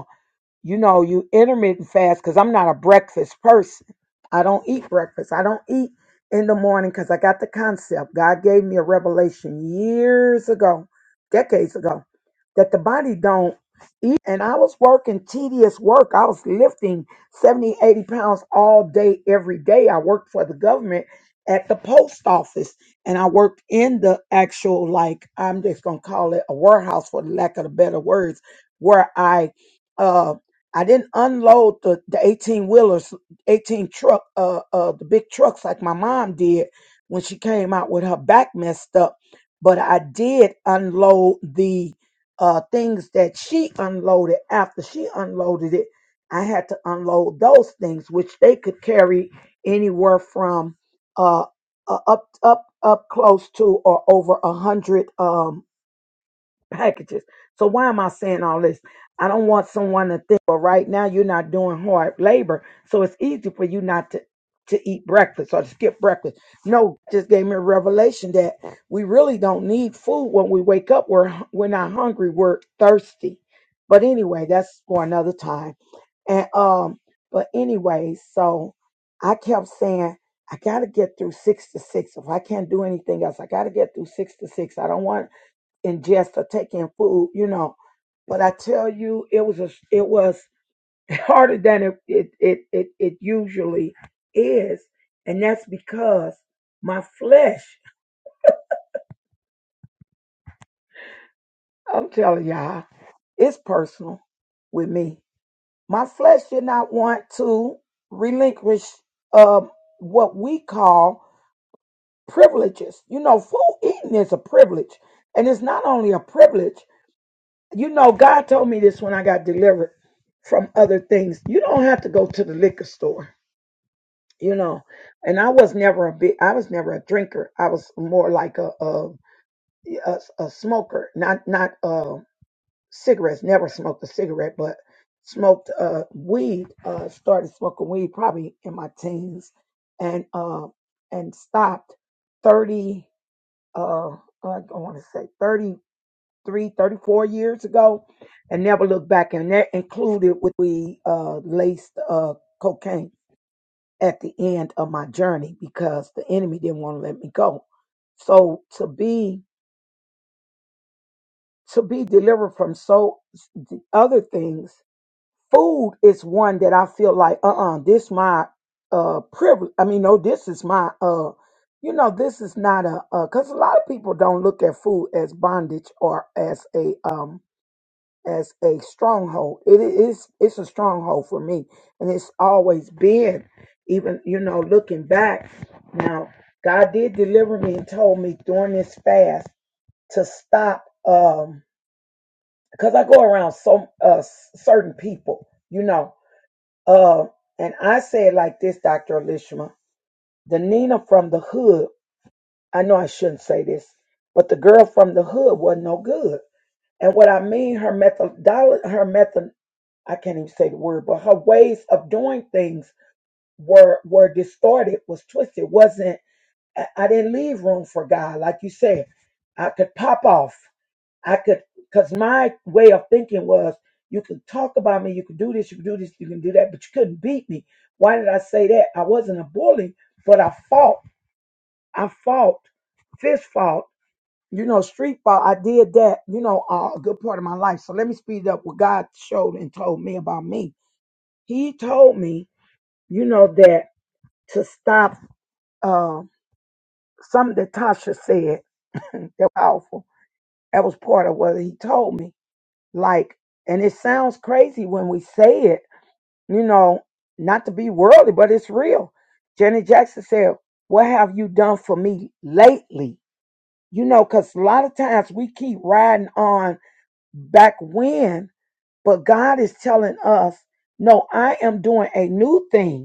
[SPEAKER 6] you know, you intermittent fast because I'm not a breakfast person. I don't eat breakfast. I don't eat in the morning because I got the concept. God gave me a revelation years ago, decades ago, that the body don't eat. And I was working tedious work. I was lifting 70, 80 pounds all day, every day. I worked for the government at the post office and I worked in the actual, like, I'm just going to call it a warehouse for the lack of the better words, where I uh, I didn't unload the, the 18 wheelers, 18 truck, uh, uh, the big trucks like my mom did when she came out with her back messed up. But I did unload the uh, things that she unloaded after she unloaded it. I had to unload those things, which they could carry anywhere from uh, uh, up, up, up close to or over a hundred. um packages. So why am I saying all this? I don't want someone to think, well, right now you're not doing hard labor, so it's easy for you not to to eat breakfast or to skip breakfast. No, just gave me a revelation that we really don't need food when we wake up. We're we're not hungry. We're thirsty. But anyway, that's for another time. And um, but anyway, so I kept saying I gotta get through six to six. If I can't do anything else, I gotta get through six to six. I don't want ingest or taking food, you know. But I tell you, it was a, it was [LAUGHS] harder than it it, it it it usually is, and that's because my flesh. [LAUGHS] I'm telling y'all, it's personal with me. My flesh did not want to relinquish um, what we call privileges. You know, food eating is a privilege, and it's not only a privilege; You know, God told me this when I got delivered from other things. You don't have to go to the liquor store, you know. And I was never a big, I was never a drinker. I was more like a a, a, a smoker, not not uh cigarettes. Never smoked a cigarette, but smoked uh weed. Uh, started smoking weed probably in my teens, and uh and stopped thirty. Uh, I want to say 30 thirty-three, 34 years ago and never looked back. And that included with we uh, laced uh, cocaine at the end of my journey because the enemy didn't want to let me go. So to be to be delivered from so the other things, food is one that I feel like uh-uh, this my uh privilege. I mean, no, this is my uh you know, this is not a because a lot of people don't look at food as bondage or as a um as a stronghold. It is it's a stronghold for me, and it's always been. Even you know, looking back now, God did deliver me and told me during this fast to stop um because I go around some uh s- certain people, you know. Uh, and I say it like this, Dr. Elishma, the Nina from the hood, I know I shouldn't say this, but the girl from the hood wasn't no good. And what I mean, her method, her method. I can't even say the word, but her ways of doing things were were distorted, was twisted. wasn't I, I didn't leave room for God, like you said. I could pop off. I could, cause my way of thinking was, you can talk about me, you can do this, you can do this, you can do that, but you couldn't beat me. Why did I say that? I wasn't a bully, but I fought. I fought, fist fought. You know, street fought. I did that. You know, uh, a good part of my life. So let me speed up what God showed and told me about me he told me, you know, that to stop uh, something that Tasha said [LAUGHS] that was powerful. That was part of what he told me. Like, and it sounds crazy when we say it, you know, not to be worldly, but it's real. Janet Jackson said, What have you done for me lately? You know, because a lot of times we keep riding on back when, but God is telling us, No, I am doing a new thing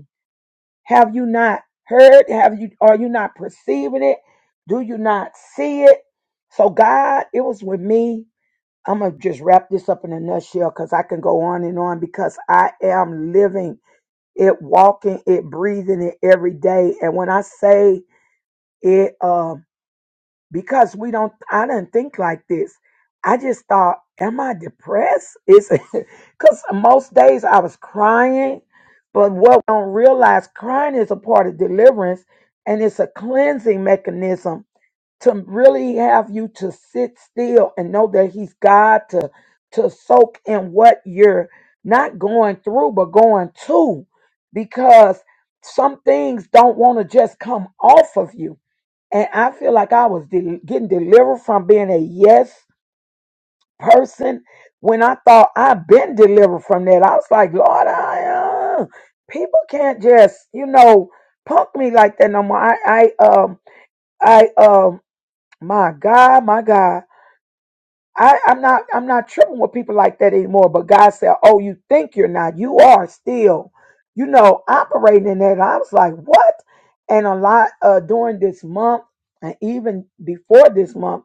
[SPEAKER 6] Have you not heard? Have you are you not perceiving it? Do you not see it? So God, it was with me. I'm gonna just wrap this up in a nutshell because I can go on and on because I am living it, walking it, breathing it every day. And when I say it, um because we don't i didn't think like this i just thought am i depressed it's [LAUGHS] because most days i was crying but what we don't realize crying is a part of deliverance and it's a cleansing mechanism to really have you to sit still and know that he's god to to soak in what you're not going through but going to because some things don't want to just come off of you and I feel like I was del- getting delivered from being a yes person when I thought I've been delivered from that. I was like, Lord, I, uh, people can't just, you know, punk me like that no more. I, I, um, I, um, my God, my God. I, I'm not, I'm not tripping with people like that anymore. But God said, oh, you think you're not, you are still, you know, operating in that. And I was like, what? And a lot, uh, during this month and even before this month,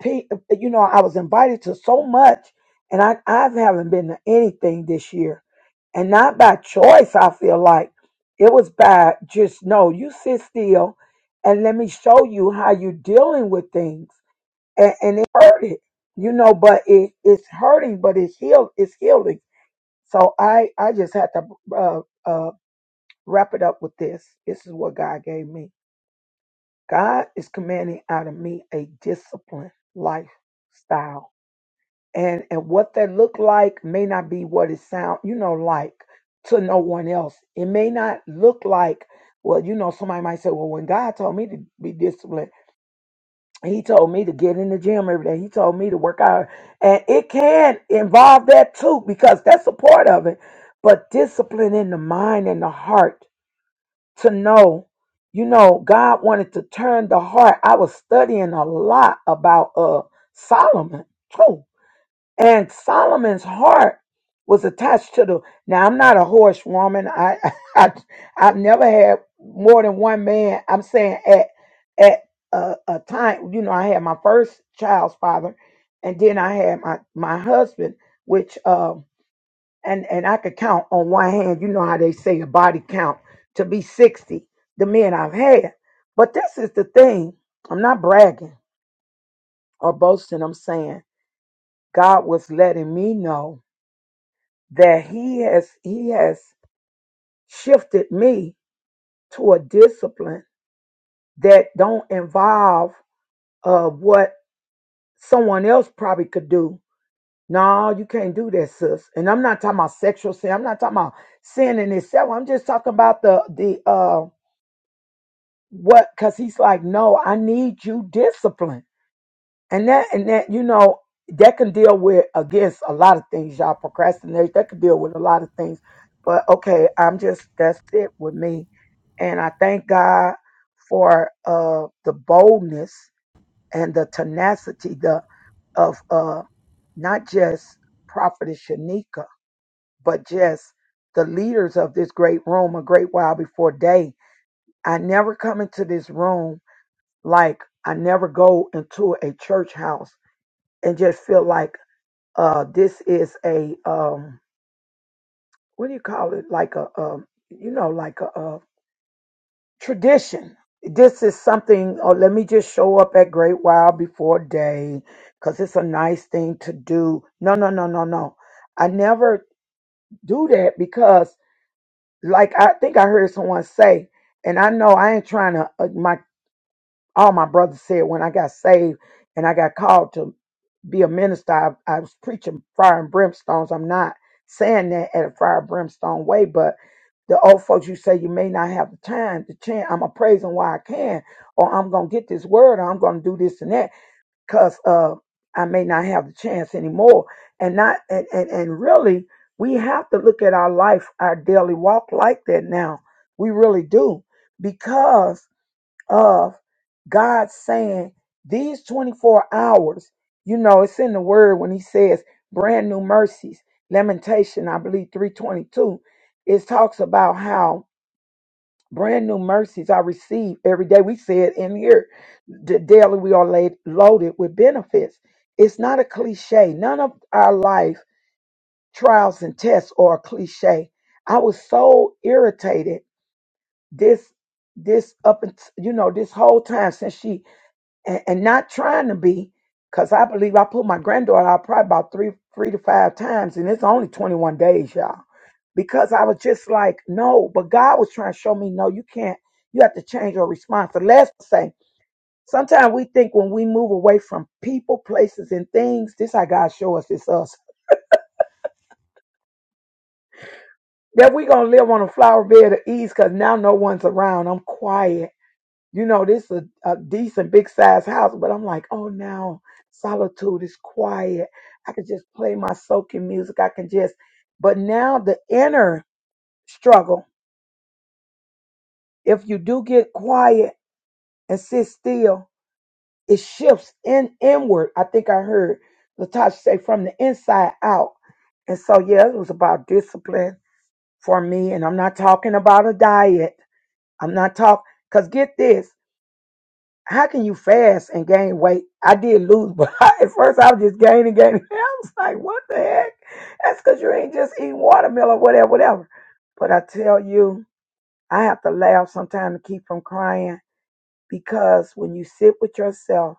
[SPEAKER 6] P, you know, I was invited to so much, and I I haven't been to anything this year, and not by choice. I feel like it was by just no. You sit still, and let me show you how you're dealing with things, and, and it hurted, you know. But it it's hurting, but it's healed. It's healing. So I I just had to uh, uh, wrap it up with this. This is what God gave me. God is commanding out of me a disciplined lifestyle and and what that look like may not be what it sound you know like to no one else it may not look like well you know somebody might say well when god told me to be disciplined he told me to get in the gym every day he told me to work out and it can involve that too because that's a part of it but discipline in the mind and the heart to know you know god wanted to turn the heart i was studying a lot about uh solomon too and Solomon's heart was attached to the. Now I'm not a horse woman. I, [LAUGHS] I I've never had more than one man. I'm saying at at a, a time, you know, I had my first child's father, and then I had my my husband, which um and and I could count on one hand. You know how they say a body count to be sixty. The men I've had, but this is the thing. I'm not bragging or boasting. I'm saying God was letting me know that he has he has shifted me to a discipline that don't involve uh what someone else probably could do. No, you can't do that, sis. And I'm not talking about sexual sin. I'm not talking about sin in itself. I'm just talking about the the uh what because he's like, no, I need you disciplined. And that and that, you know, that can deal with against a lot of things, y'all. Procrastinate, that can deal with a lot of things. But okay, I'm just that's it with me. And I thank God for uh the boldness and the tenacity the of uh not just Prophetess Shanika, but just the leaders of this great room a great while before day. I never come into this room like I never go into a church house and just feel like uh, this is a um, what do you call it? Like a um, you know, like a, uh tradition. This is something. Oh, let me just show up at Great while before day, cause it's a nice thing to do. No, no, no, no, no. I never do that because, like, I think I heard someone say, and I know I ain't trying to. all my brothers said when I got saved and I got called to be a minister, I, I was preaching fire and brimstones. I'm not saying that at a fire and brimstone way, but the old folks, you say you may not have the time to chant. I'm a praising why I can, or I'm gonna get this word, or I'm gonna do this and that, cause uh, I may not have the chance anymore. And not and and, and really, we have to look at our life, our daily walk like that now. We really do because of God saying these 24 hours, you know, it's in the word when he says brand new mercies, Lamentation, I believe 322, it talks about how brand new mercies I receive every day. We say it in here, the daily we are laid, loaded with benefits. It's not a cliche. None of our life trials and tests are a cliche. I was so irritated this this up and you know this whole time since she and, and not trying to be, because I believe I put my granddaughter out probably about three, three to five times, and it's only 21 days, y'all. Because I was just like, no, but God was trying to show me, no, you can't. You have to change your response. The last thing, sometimes we think when we move away from people, places, and things, this how God show us it's us. That we gonna live on a flower bed of ease because now no one's around. I'm quiet. you know, this is a, a decent big size house, but I'm like, oh, now solitude is quiet. I could just play my soaking music. I can just, but now the inner struggle, if you do get quiet and sit still, it shifts in inward. I think I heard Latasha say from the inside out. And so, yeah, it was about discipline for me. And I'm not talking about a diet. I'm not talking, because get this. how can you fast and gain weight? I did lose, but [LAUGHS] I, at first I was just gaining, gaining. [LAUGHS] I was like, what the heck? That's because you ain't just eating watermelon, whatever, whatever. But I tell you, I have to laugh sometimes to keep from crying because when you sit with yourself,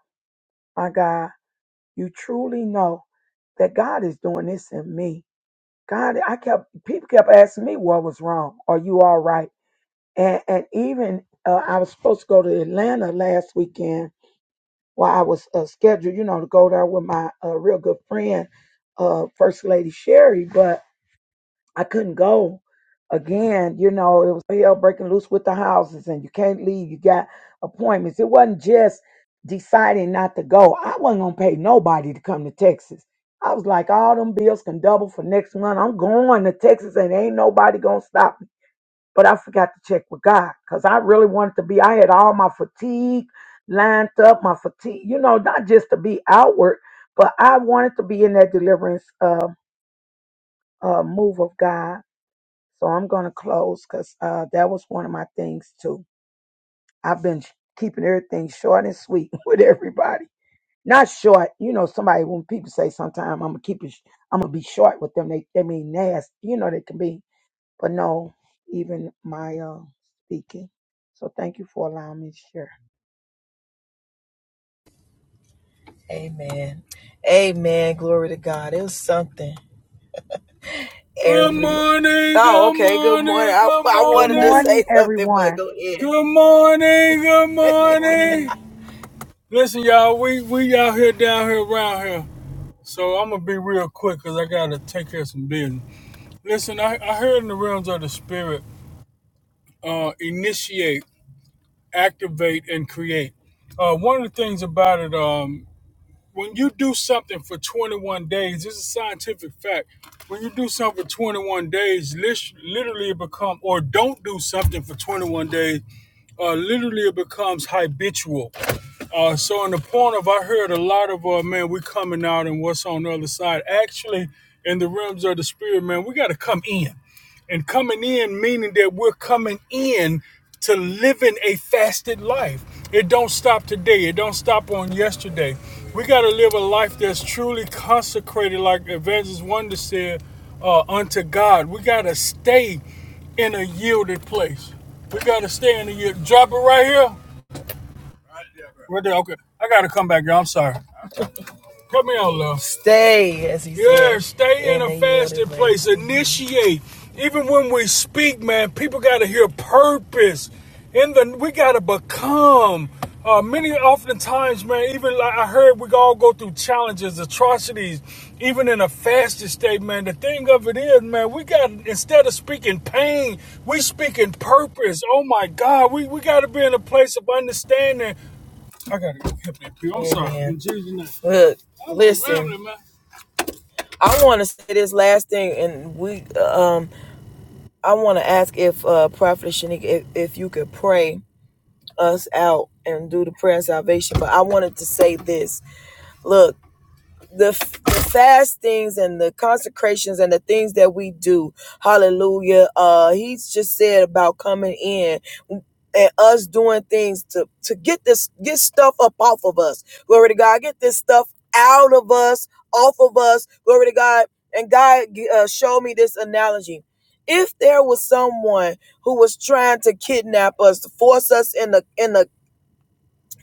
[SPEAKER 6] my God, you truly know that God is doing this in me. God, I kept people kept asking me what was wrong. Are you all right? And and even uh, I was supposed to go to Atlanta last weekend, while I was uh, scheduled, you know, to go there with my uh, real good friend, uh, First Lady Sherry, but I couldn't go again. You know, it was hell breaking loose with the houses, and you can't leave. You got appointments. It wasn't just deciding not to go. I wasn't gonna pay nobody to come to Texas. I was like, all them bills can double for next month. I'm going to Texas, and ain't nobody gonna stop me but I forgot to check with God because I really wanted to be. I had all my fatigue lined up, my fatigue, you know, not just to be outward, but I wanted to be in that deliverance uh, uh, move of God. So I'm going to close because uh, that was one of my things too. I've been sh- keeping everything short and sweet [LAUGHS] with everybody. Not short, you know. Somebody when people say sometimes I'm gonna keep it, sh- I'm gonna be short with them. They they mean nasty, you know. They can be but no, even my uh, speaking. So thank you for allowing me to share.
[SPEAKER 1] Amen. Amen. Glory to God. It was something. Good morning, oh, okay, good morning, Good morning. I, good morning. I
[SPEAKER 6] Good
[SPEAKER 1] wanted to
[SPEAKER 6] morning,
[SPEAKER 1] say something,
[SPEAKER 6] everyone.
[SPEAKER 1] but go ahead. good morning, good
[SPEAKER 4] Good
[SPEAKER 1] morning.
[SPEAKER 4] morning.
[SPEAKER 1] [LAUGHS] Listen, y'all, we we out here down here around here. So I'm gonna be real quick because I gotta take care of some business. Listen, I, I heard in the realms of the spirit, uh, initiate, activate, and create. Uh, one of the things about it, um. when you do something for 21 days, this is a scientific fact. When you do something for 21 days, literally it becomes, or don't do something for 21 days, uh, literally it becomes habitual. Uh, so in the point of, I heard a lot of, uh, man, we coming out and what's on the other side. Actually, in the realms of the spirit, man, we got to come in. And coming in meaning that we're coming in to living a fasted life. It don't stop today. It don't stop on yesterday. We got to live a life that's truly consecrated, like Evangelist Wonder said, uh, unto God. We got to stay in a yielded place. We got to stay in a yield. Drop it right here. Right there. Okay. I got to come back, y'all. I'm sorry. Come here, love. Stay, as he said. Yeah, stay in a then fasted place. Initiate. Even when we speak, man, people got to hear purpose. In the we got to become. Uh, many oftentimes, man, even like I heard, we all go through challenges, atrocities, even in a fasted state, man. The thing of it is, man, we got instead of speaking pain, we speaking purpose. Oh my God, we we got to be in a place of understanding I gotta go help that pee. I'm sorry. Amen. In Look, listen. I want to say this last thing, and we, uh, um, I want to ask if uh, Prophet Shanika, if, if you could pray us out and do the prayer of salvation. But I wanted to say this. Look. the, f- the fastings and the consecrations and the things that we do. Hallelujah. Uh, he's just said about coming in and us doing things to, to get this, get stuff up off of us. Glory to God. Get this stuff out of us, off of us. Glory to God. And God uh, showed me this analogy. If there was someone who was trying to kidnap us, to force us in the in the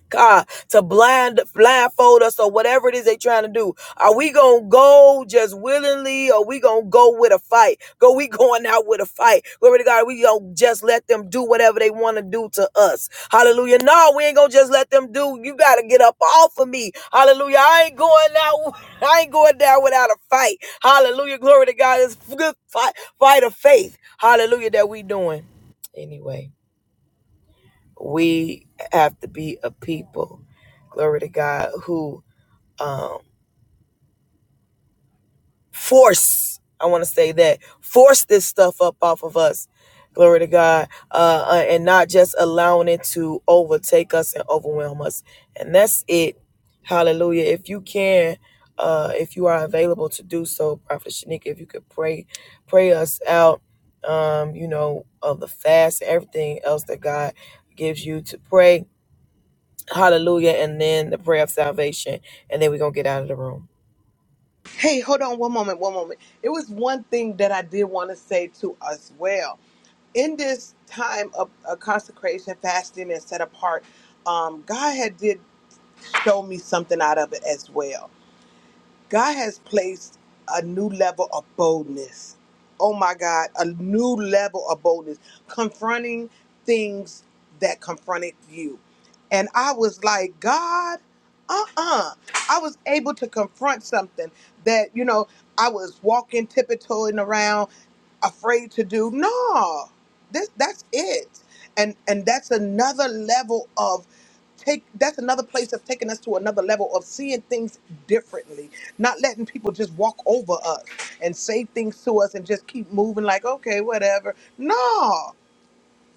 [SPEAKER 1] God, to blind blindfold us or whatever it is they trying to do. Are we gonna go just willingly or we gonna go with a fight? Go we going out with a fight. Glory to God, we gonna just let them do whatever they wanna do to us. Hallelujah. No, we ain't gonna just let them do. You gotta get up off of me. Hallelujah. I ain't going out, [LAUGHS] I ain't going down without a fight. Hallelujah. Glory to God. It's a good fight, fight of faith. Hallelujah that we doing. Anyway we have to be a people glory to god who um force i want to say that force this stuff up off of us glory to god uh uh, and not just allowing it to overtake us and overwhelm us and that's it hallelujah if you can uh if you are available to do so prophet shanika if you could pray pray us out um you know of the fast everything else that god gives you to pray Hallelujah. And then the prayer of salvation. And then we're going to get out of the room.
[SPEAKER 3] Hey, hold on one moment, one moment. It was one thing that I did want to say to us well. in this time of, of consecration, fasting, and set apart, um, God had did show me something out of it as well. God has placed a new level of boldness. Oh my God, a new level of boldness, confronting things that confronted you. And I was like, God, uh uh I was able to confront something that, you know, I was walking, tiptoeing around, afraid to do. No, this, that's it. And, and that's another level of take that's another place that's taking us to another level of seeing things differently not letting people just walk over us and say things to us and just keep moving like okay whatever no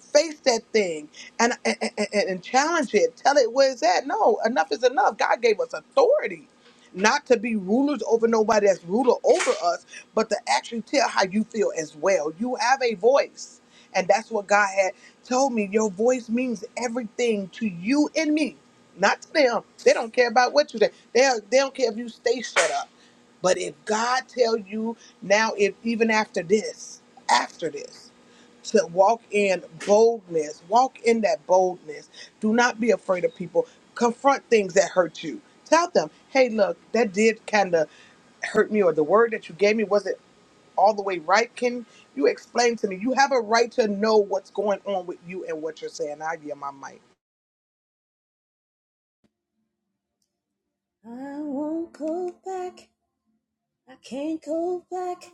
[SPEAKER 3] face that thing and, and, and, and challenge it. Tell it where it's at. No, enough is enough. God gave us authority not to be rulers over nobody that's ruler over us, but to actually tell how you feel as well. You have a voice. And that's what God had told me. Your voice means everything to you and me, not to them. They don't care about what you say. They, they don't care if you stay shut up. But if God tell you now, if even after this, after this to walk in boldness. Walk in that boldness. Do not be afraid of people. Confront things that hurt you. Tell them, hey, look, that did kind of hurt me, or the word that you gave me wasn't all the way right. Can you explain to me? You have a right to know what's going on with you and what you're saying. I give my mic.
[SPEAKER 4] I won't go back. I can't go back.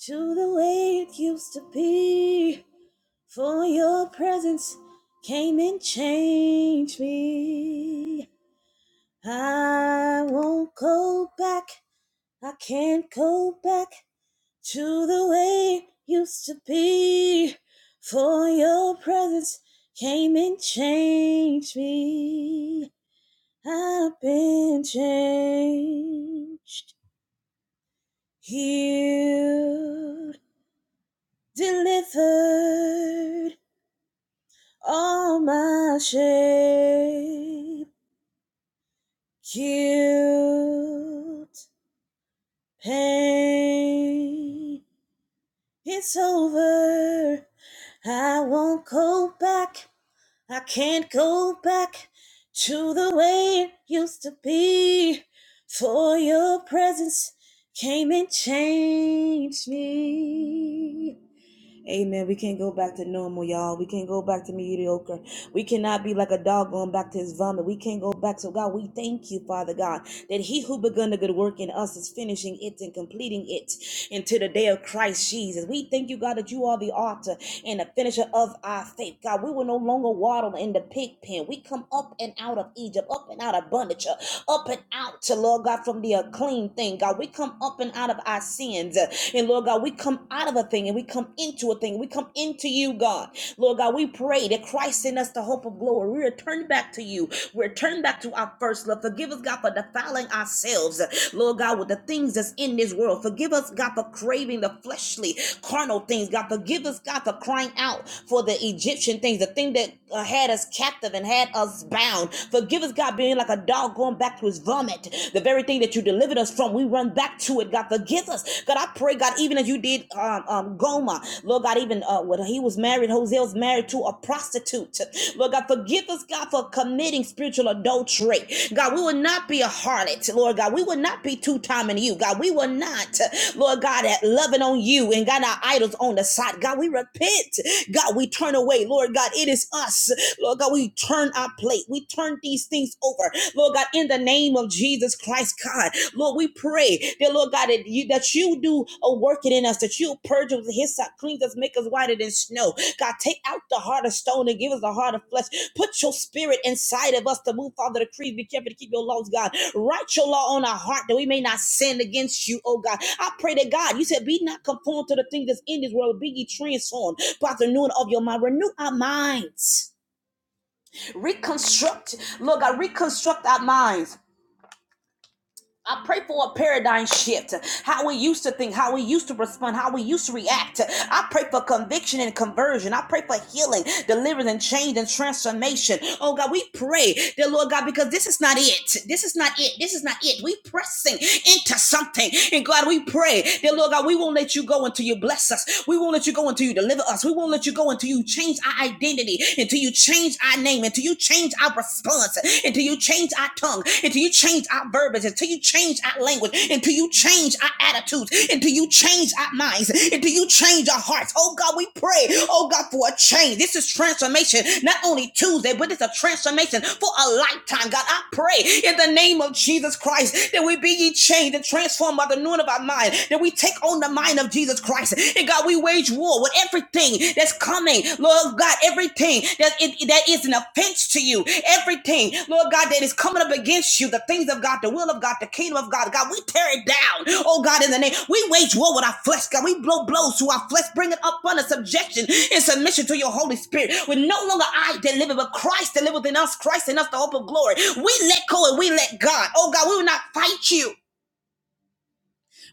[SPEAKER 4] to the way it used to be. For your presence came and changed me. I won't go back. I can't go back to the way it used to be. For your presence came and changed me. I've been changed, healed, delivered. all my shape, cute pain. It's over. I won't go back. I can't go back to the way it used to be. For your presence came and changed me. Amen. We can't go back to normal, y'all. We can't go back to mediocre. We cannot be like a dog going back to his vomit. We can't go back. So, God, we thank you, Father God, that he who begun the good work in us is finishing it and completing it into the day of Christ Jesus. We thank you, God, that you are the author and the finisher of our faith. God, we will no longer waddle in the pig pen. We come up and out of Egypt, up and out of bondage, uh, up and out to Lord God from the unclean thing. God, we come up and out of our sins. uh, And Lord God, we come out of a thing and we come into into a thing. We come into you, God. Lord God, we pray that Christ in us the hope of glory. We return back to you. We return back to our first love. Forgive us, God, for defiling ourselves, Lord God, with the things that's in this world. Forgive us, God, for craving the fleshly, carnal things. God, forgive us, God, for crying out for the Egyptian things, the thing that uh, had us captive and had us bound. Forgive us, God, being like a dog going back to his vomit. The very thing that you delivered us from, we run back to it to it, God. Forgive us. God, I pray, God, even as you did um, um, Goma, Lord God, even uh, when he was married, Hosea was married to a prostitute. Lord God, forgive us, God, for committing spiritual adultery. God, we will not be a harlot, Lord God. We will not be two timing you, God. We will not, Lord God, at loving on you and got our idols on the side. God, we repent. God, we turn away. Lord God, it is us. Lord God, we turn our plate. We turn these things over. Lord God. God, in the name of Jesus Christ, God. Lord, we pray that, Lord God, that you, that you do a working in us, that you purge us with hyssop, cleanse us, make us whiter than snow. God, take out the heart of stone and give us a heart of flesh. Put your spirit inside of us to move, Father, to creed. Be careful to keep your laws, God. Write your law on our heart that we may not sin against you, oh God. I pray that, God, you said, be not conformed to the things that's in this world, but be ye transformed by the renewing of your mind. Renew our minds reconstruct lord god reconstruct our minds I pray for a paradigm shift. How we used to think, how we used to respond, how we used to react. I pray for conviction and conversion. I pray for healing, deliverance, and change and transformation. Oh God, we pray, dear Lord God, because this is not it. This is not it. This is not it. We pressing into something. And God, we pray, dear Lord God, we won't let you go until you bless us. We won't let you go until you deliver us. We won't let you go until you change our identity, until you change our name, name, until you change our response, until you change our tongue, until you change our verbiage, until you change our language, until you change our attitudes, until you change our minds, until you change our hearts. Oh God, we pray, oh God, for a change. This is transformation, not only Tuesday, but it's a transformation for a lifetime. God, I pray in the name of Jesus Christ that we be ye changed and transformed by the noon of our mind, that we take on the mind of Jesus Christ. And God, we wait you wage war with everything that's coming, Lord God, everything that, it, that is an offense to you, everything, Lord God, that is coming up against you, the things of God, the will of God, the kingdom of God, God, we tear it down, oh God, in the name, we wage war with our flesh, God, we blow blows to our flesh, bring it up under subjection and submission to your Holy Spirit, with no longer I that liveth, but Christ that liveth within us, Christ in us, the hope of glory, we let go and we let God, oh God, we will not fight you,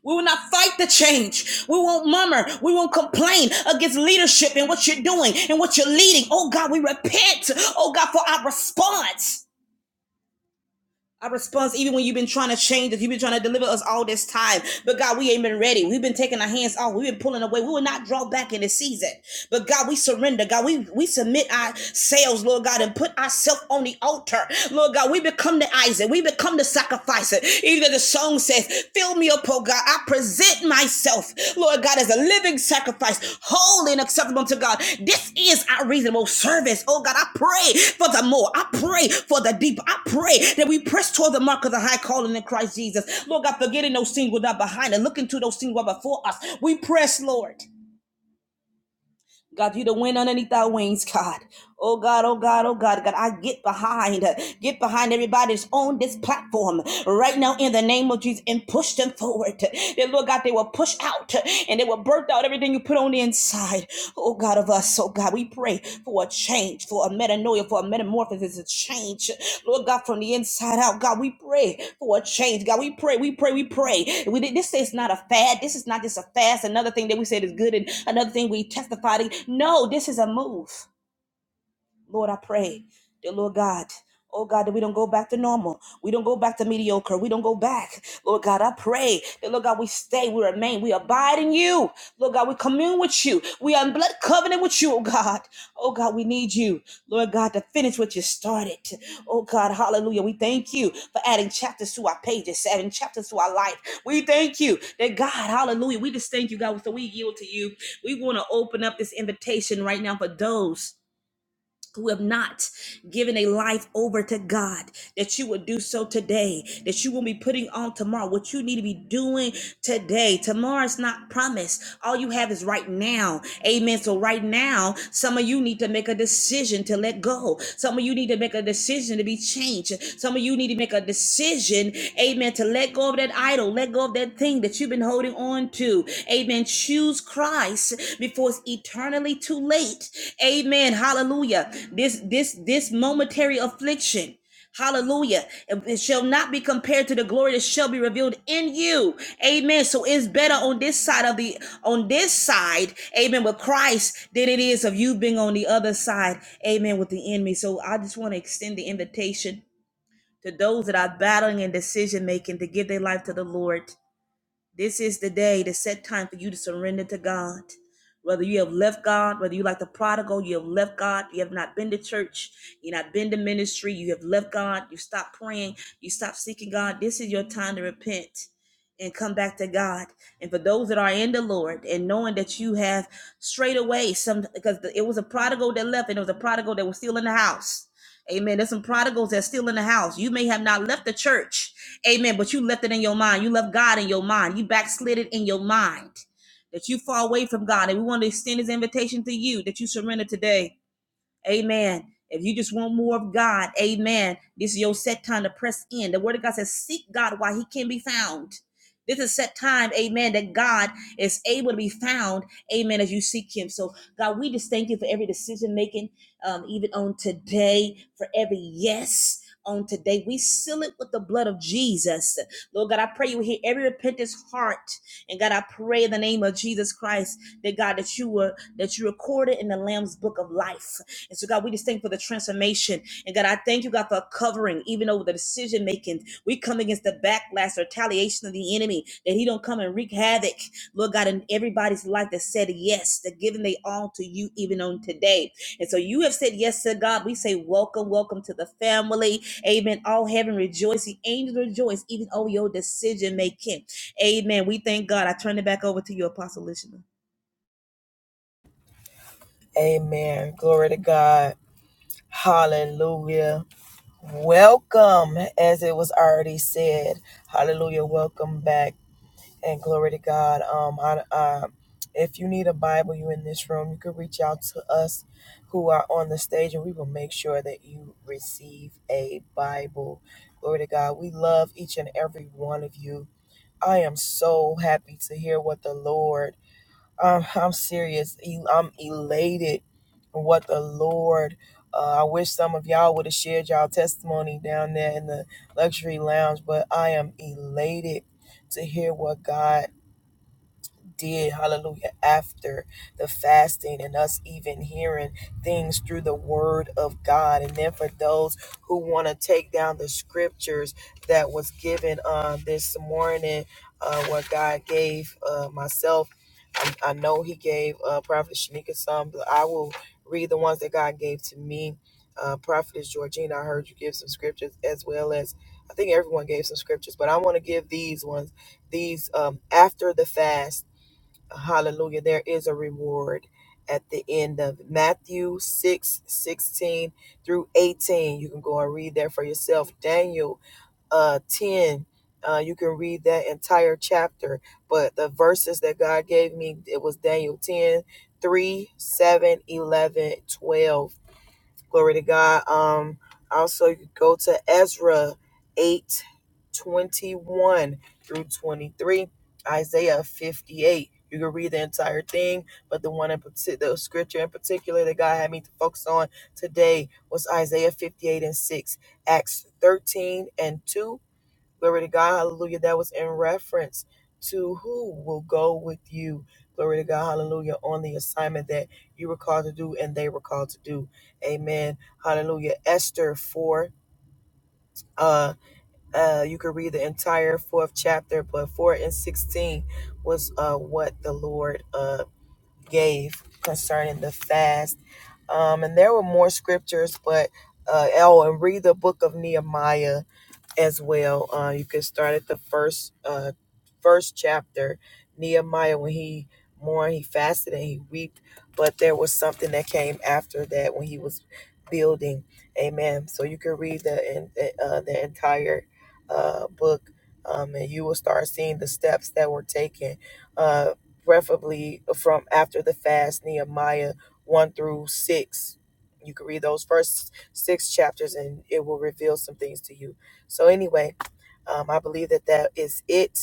[SPEAKER 4] we will not fight the change. We won't murmur. We won't complain against leadership and what you're doing and what you're leading. Oh God, we repent. Oh God, for our response. Our response, even when you've been trying to change us, you've been trying to deliver us all this time. But God, we ain't been ready. We've been taking our hands off. We've been pulling away. We will not draw back in this season. But God, we surrender. God, we, we submit ourselves, Lord God, and put ourselves on the altar. Lord God, we become the Isaac. We become the sacrificer. Even though the song says, Fill me up help, oh God. I present myself, Lord God, as a living sacrifice, holy and acceptable to God. This is our reasonable service, oh God. I pray for the more. I pray for the deeper. I pray that we press toward the mark of the high calling in Christ Jesus. Lord God, forgetting those things that are behind and looking to those things that are before us. We press, Lord. God, you the wind underneath our wings, God. Oh God, oh God, oh God, God, I get behind, get behind everybody that's on this platform right now in the name of Jesus and push them forward. That Lord God, they will push out and they will birth out everything you put on the inside. Oh God of us, oh God. God. We pray for a change, for a metanoia, for a metamorphosis, a change. Lord God, from the inside out, God, we pray for a change. God, we pray, we pray, we pray. We, this is not a fad. This is not just a fast, another thing that we said is good and another thing we testified. No, this is a move. Lord, I pray, dear Lord God. Oh God, that we don't go back to normal. We don't go back to mediocre. We don't go back. Lord God, I pray that, Lord God, we stay, we remain, we abide in you. Lord God, we commune with you. We are in blood covenant with you, oh God. Oh God, we need you, Lord God, to finish what you started. Oh God, hallelujah. We thank you for adding chapters to our pages, adding chapters to our life. We thank you that, God, hallelujah. We just thank you, God. So we yield to you. We want to open up this invitation right now for those who have not given a life over to God, that you would do so today, that you will be putting on tomorrow, what you need to be doing today. Tomorrow's not promised. All you have is right now. Amen. So right now, some of you need to make a decision to let go. Some of you need to make a decision to be changed. Some of you need to make a decision, amen, to let go of that idol, let go of that thing that you've been holding on to do. Amen. Choose Christ before it's eternally too late. Amen. Hallelujah. This this this momentary affliction. Hallelujah. It shall not be compared to the glory that shall be revealed in you. Amen. So it's better on this side of the on this side, amen, with Christ than it is of you being on the other side, amen, with the enemy. So I just want to extend the invitation to those that are battling and decision making to give their life to the Lord. This is the day, the set time for you to surrender to God. Whether you have left God, whether you like the prodigal, you have left God, you have not been to church, you have not been to ministry, you have left God, you stopped praying, you stopped seeking God. This is your time to repent and come back to God. And for those that are in the Lord and knowing that you have strayed away some because it was a prodigal that left and it was a prodigal that was still in the house. Amen. There's some prodigals that's still in the house. You may have not left the church. Amen. But you left it in your mind. You left God in your mind. You backslid it in your mind. That you fall away from God. And we want to extend his invitation to you that you surrender today. Amen. If you just want more of God, amen. This is your set time to press in. The word of God says, Seek God while he can be found. This is set time, amen, that God is able to be found, amen, as you seek him. So, God, we just thank you for every decision making, um, even on today, for every yes on today. We seal it with the blood of Jesus. Lord God, I pray you will hear every repentance heart. And God, I pray in the name of Jesus Christ that God, that you were that you recorded in the Lamb's book of life. And so, God, we just thank you for the transformation. And God, I thank you, God, for covering even over the decision making. We come against the backlash, or retaliation of the enemy, that he don't come and wreak havoc, Lord God, in everybody's life that said yes, that giving they all to you even on today. And so you have said yes to God. We say welcome, welcome to the family. Amen. All heaven rejoicing, angels rejoice, even over your decision making. Amen. We thank God. I turn it back over to you, Apostle Lishna.
[SPEAKER 1] Amen. Glory to God. Hallelujah. Welcome, as it was already said. Hallelujah. Welcome back. And glory to God. Um, I, uh, if you need a Bible, you in this room, you can reach out to us who are on the stage and we will make sure that you receive a Bible. Glory to God. We love each and every one of you. I am so happy to hear what the Lord Um, [LAUGHS] I'm serious. E- I'm elated what the Lord. Uh, I wish some of y'all would have shared y'all testimony down there in the luxury lounge, but I am elated to hear what God did, hallelujah, after the fasting and us even hearing things through the word of God. And then for those who want to take down the scriptures that was given uh, this morning, uh, what God gave uh, myself, I, I know He gave uh, Prophet Shanika some, but I will read the ones that God gave to me. Uh, Prophetess Georgina, I heard you give some scriptures as well as I think everyone gave some scriptures, but I want to give these ones, these um, after the fast Hallelujah. There is a reward at the end of Matthew 6 16 through 18. You can go and read that for yourself. Daniel uh, 10. Uh, you can read that entire chapter, but the verses that God gave me, it was Daniel 10 3 7 11 12. Glory to God. Um, also, you could go to Ezra 8 21 through 23, Isaiah 58. You can read the entire thing, but the one in particular, the scripture in particular that God had me to focus on today was Isaiah 58 and 6, Acts 13 and 2, Glory to God. Hallelujah. That was in reference to who will go with you. Glory to God. Hallelujah. On the assignment that you were called to do and they were called to do. Amen. Hallelujah. Esther 4. Uh, uh, you could read the entire fourth chapter, but 4 and 16 was uh, what the Lord uh, gave concerning the fast. Um, and there were more scriptures, but uh, oh, and read the book of Nehemiah as well. Uh, you can start at the first uh, first chapter, Nehemiah, when he mourned, he fasted and he wept. But there was something that came after that when he was building. Amen. So you can read the uh, the entire uh, book, um, and you will start seeing the steps that were taken. Uh, preferably from after the fast, Nehemiah 1 through 6. You can read those first six chapters and it will reveal some things to you. So, anyway, um, I believe that that is it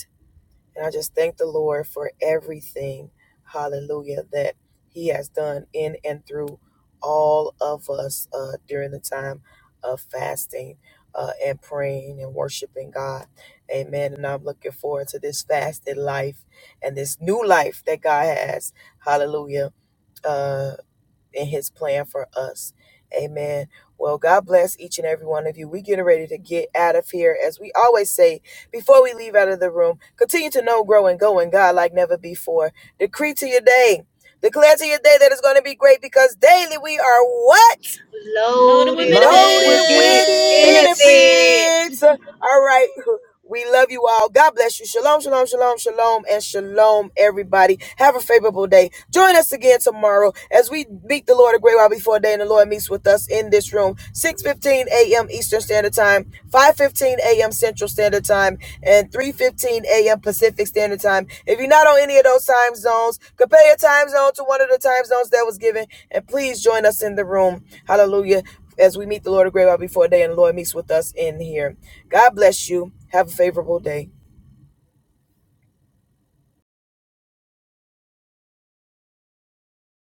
[SPEAKER 1] and I just thank the Lord for everything, hallelujah, that He has done in and through all of us uh, during the time of fasting uh, and praying and worshiping God. Amen. And I'm looking forward to this fasted life and this new life that God has, hallelujah uh, and his plan for us. Amen. Well, God bless each and every one of you. We get ready to get out of here. As we always say, before we leave out of the room, continue to know, grow, and go in God like never before. Decree to your day. Declare to your day that it's going to be great because daily we are what?
[SPEAKER 4] Loaded with
[SPEAKER 3] Loaded
[SPEAKER 1] loaded
[SPEAKER 3] with
[SPEAKER 1] with
[SPEAKER 3] benefits.
[SPEAKER 4] benefits.
[SPEAKER 1] benefits. All right. We love you all. God bless you. Shalom, shalom, shalom, shalom, and shalom, everybody. Have a favorable day. Join us again tomorrow as we meet the Lord a great while before day, and the Lord meets with us in this room, 6.15 a.m. Eastern Standard Time, 5.15 a.m. Central Standard Time, and 3.15 a.m. Pacific Standard Time. If you're not on any of those time zones, compare your time zone to one of the time zones that was given, and please join us in the room. Hallelujah as we meet the Lord of Great while before day and the Lord meets with us in here. God bless you. Have a favorable day.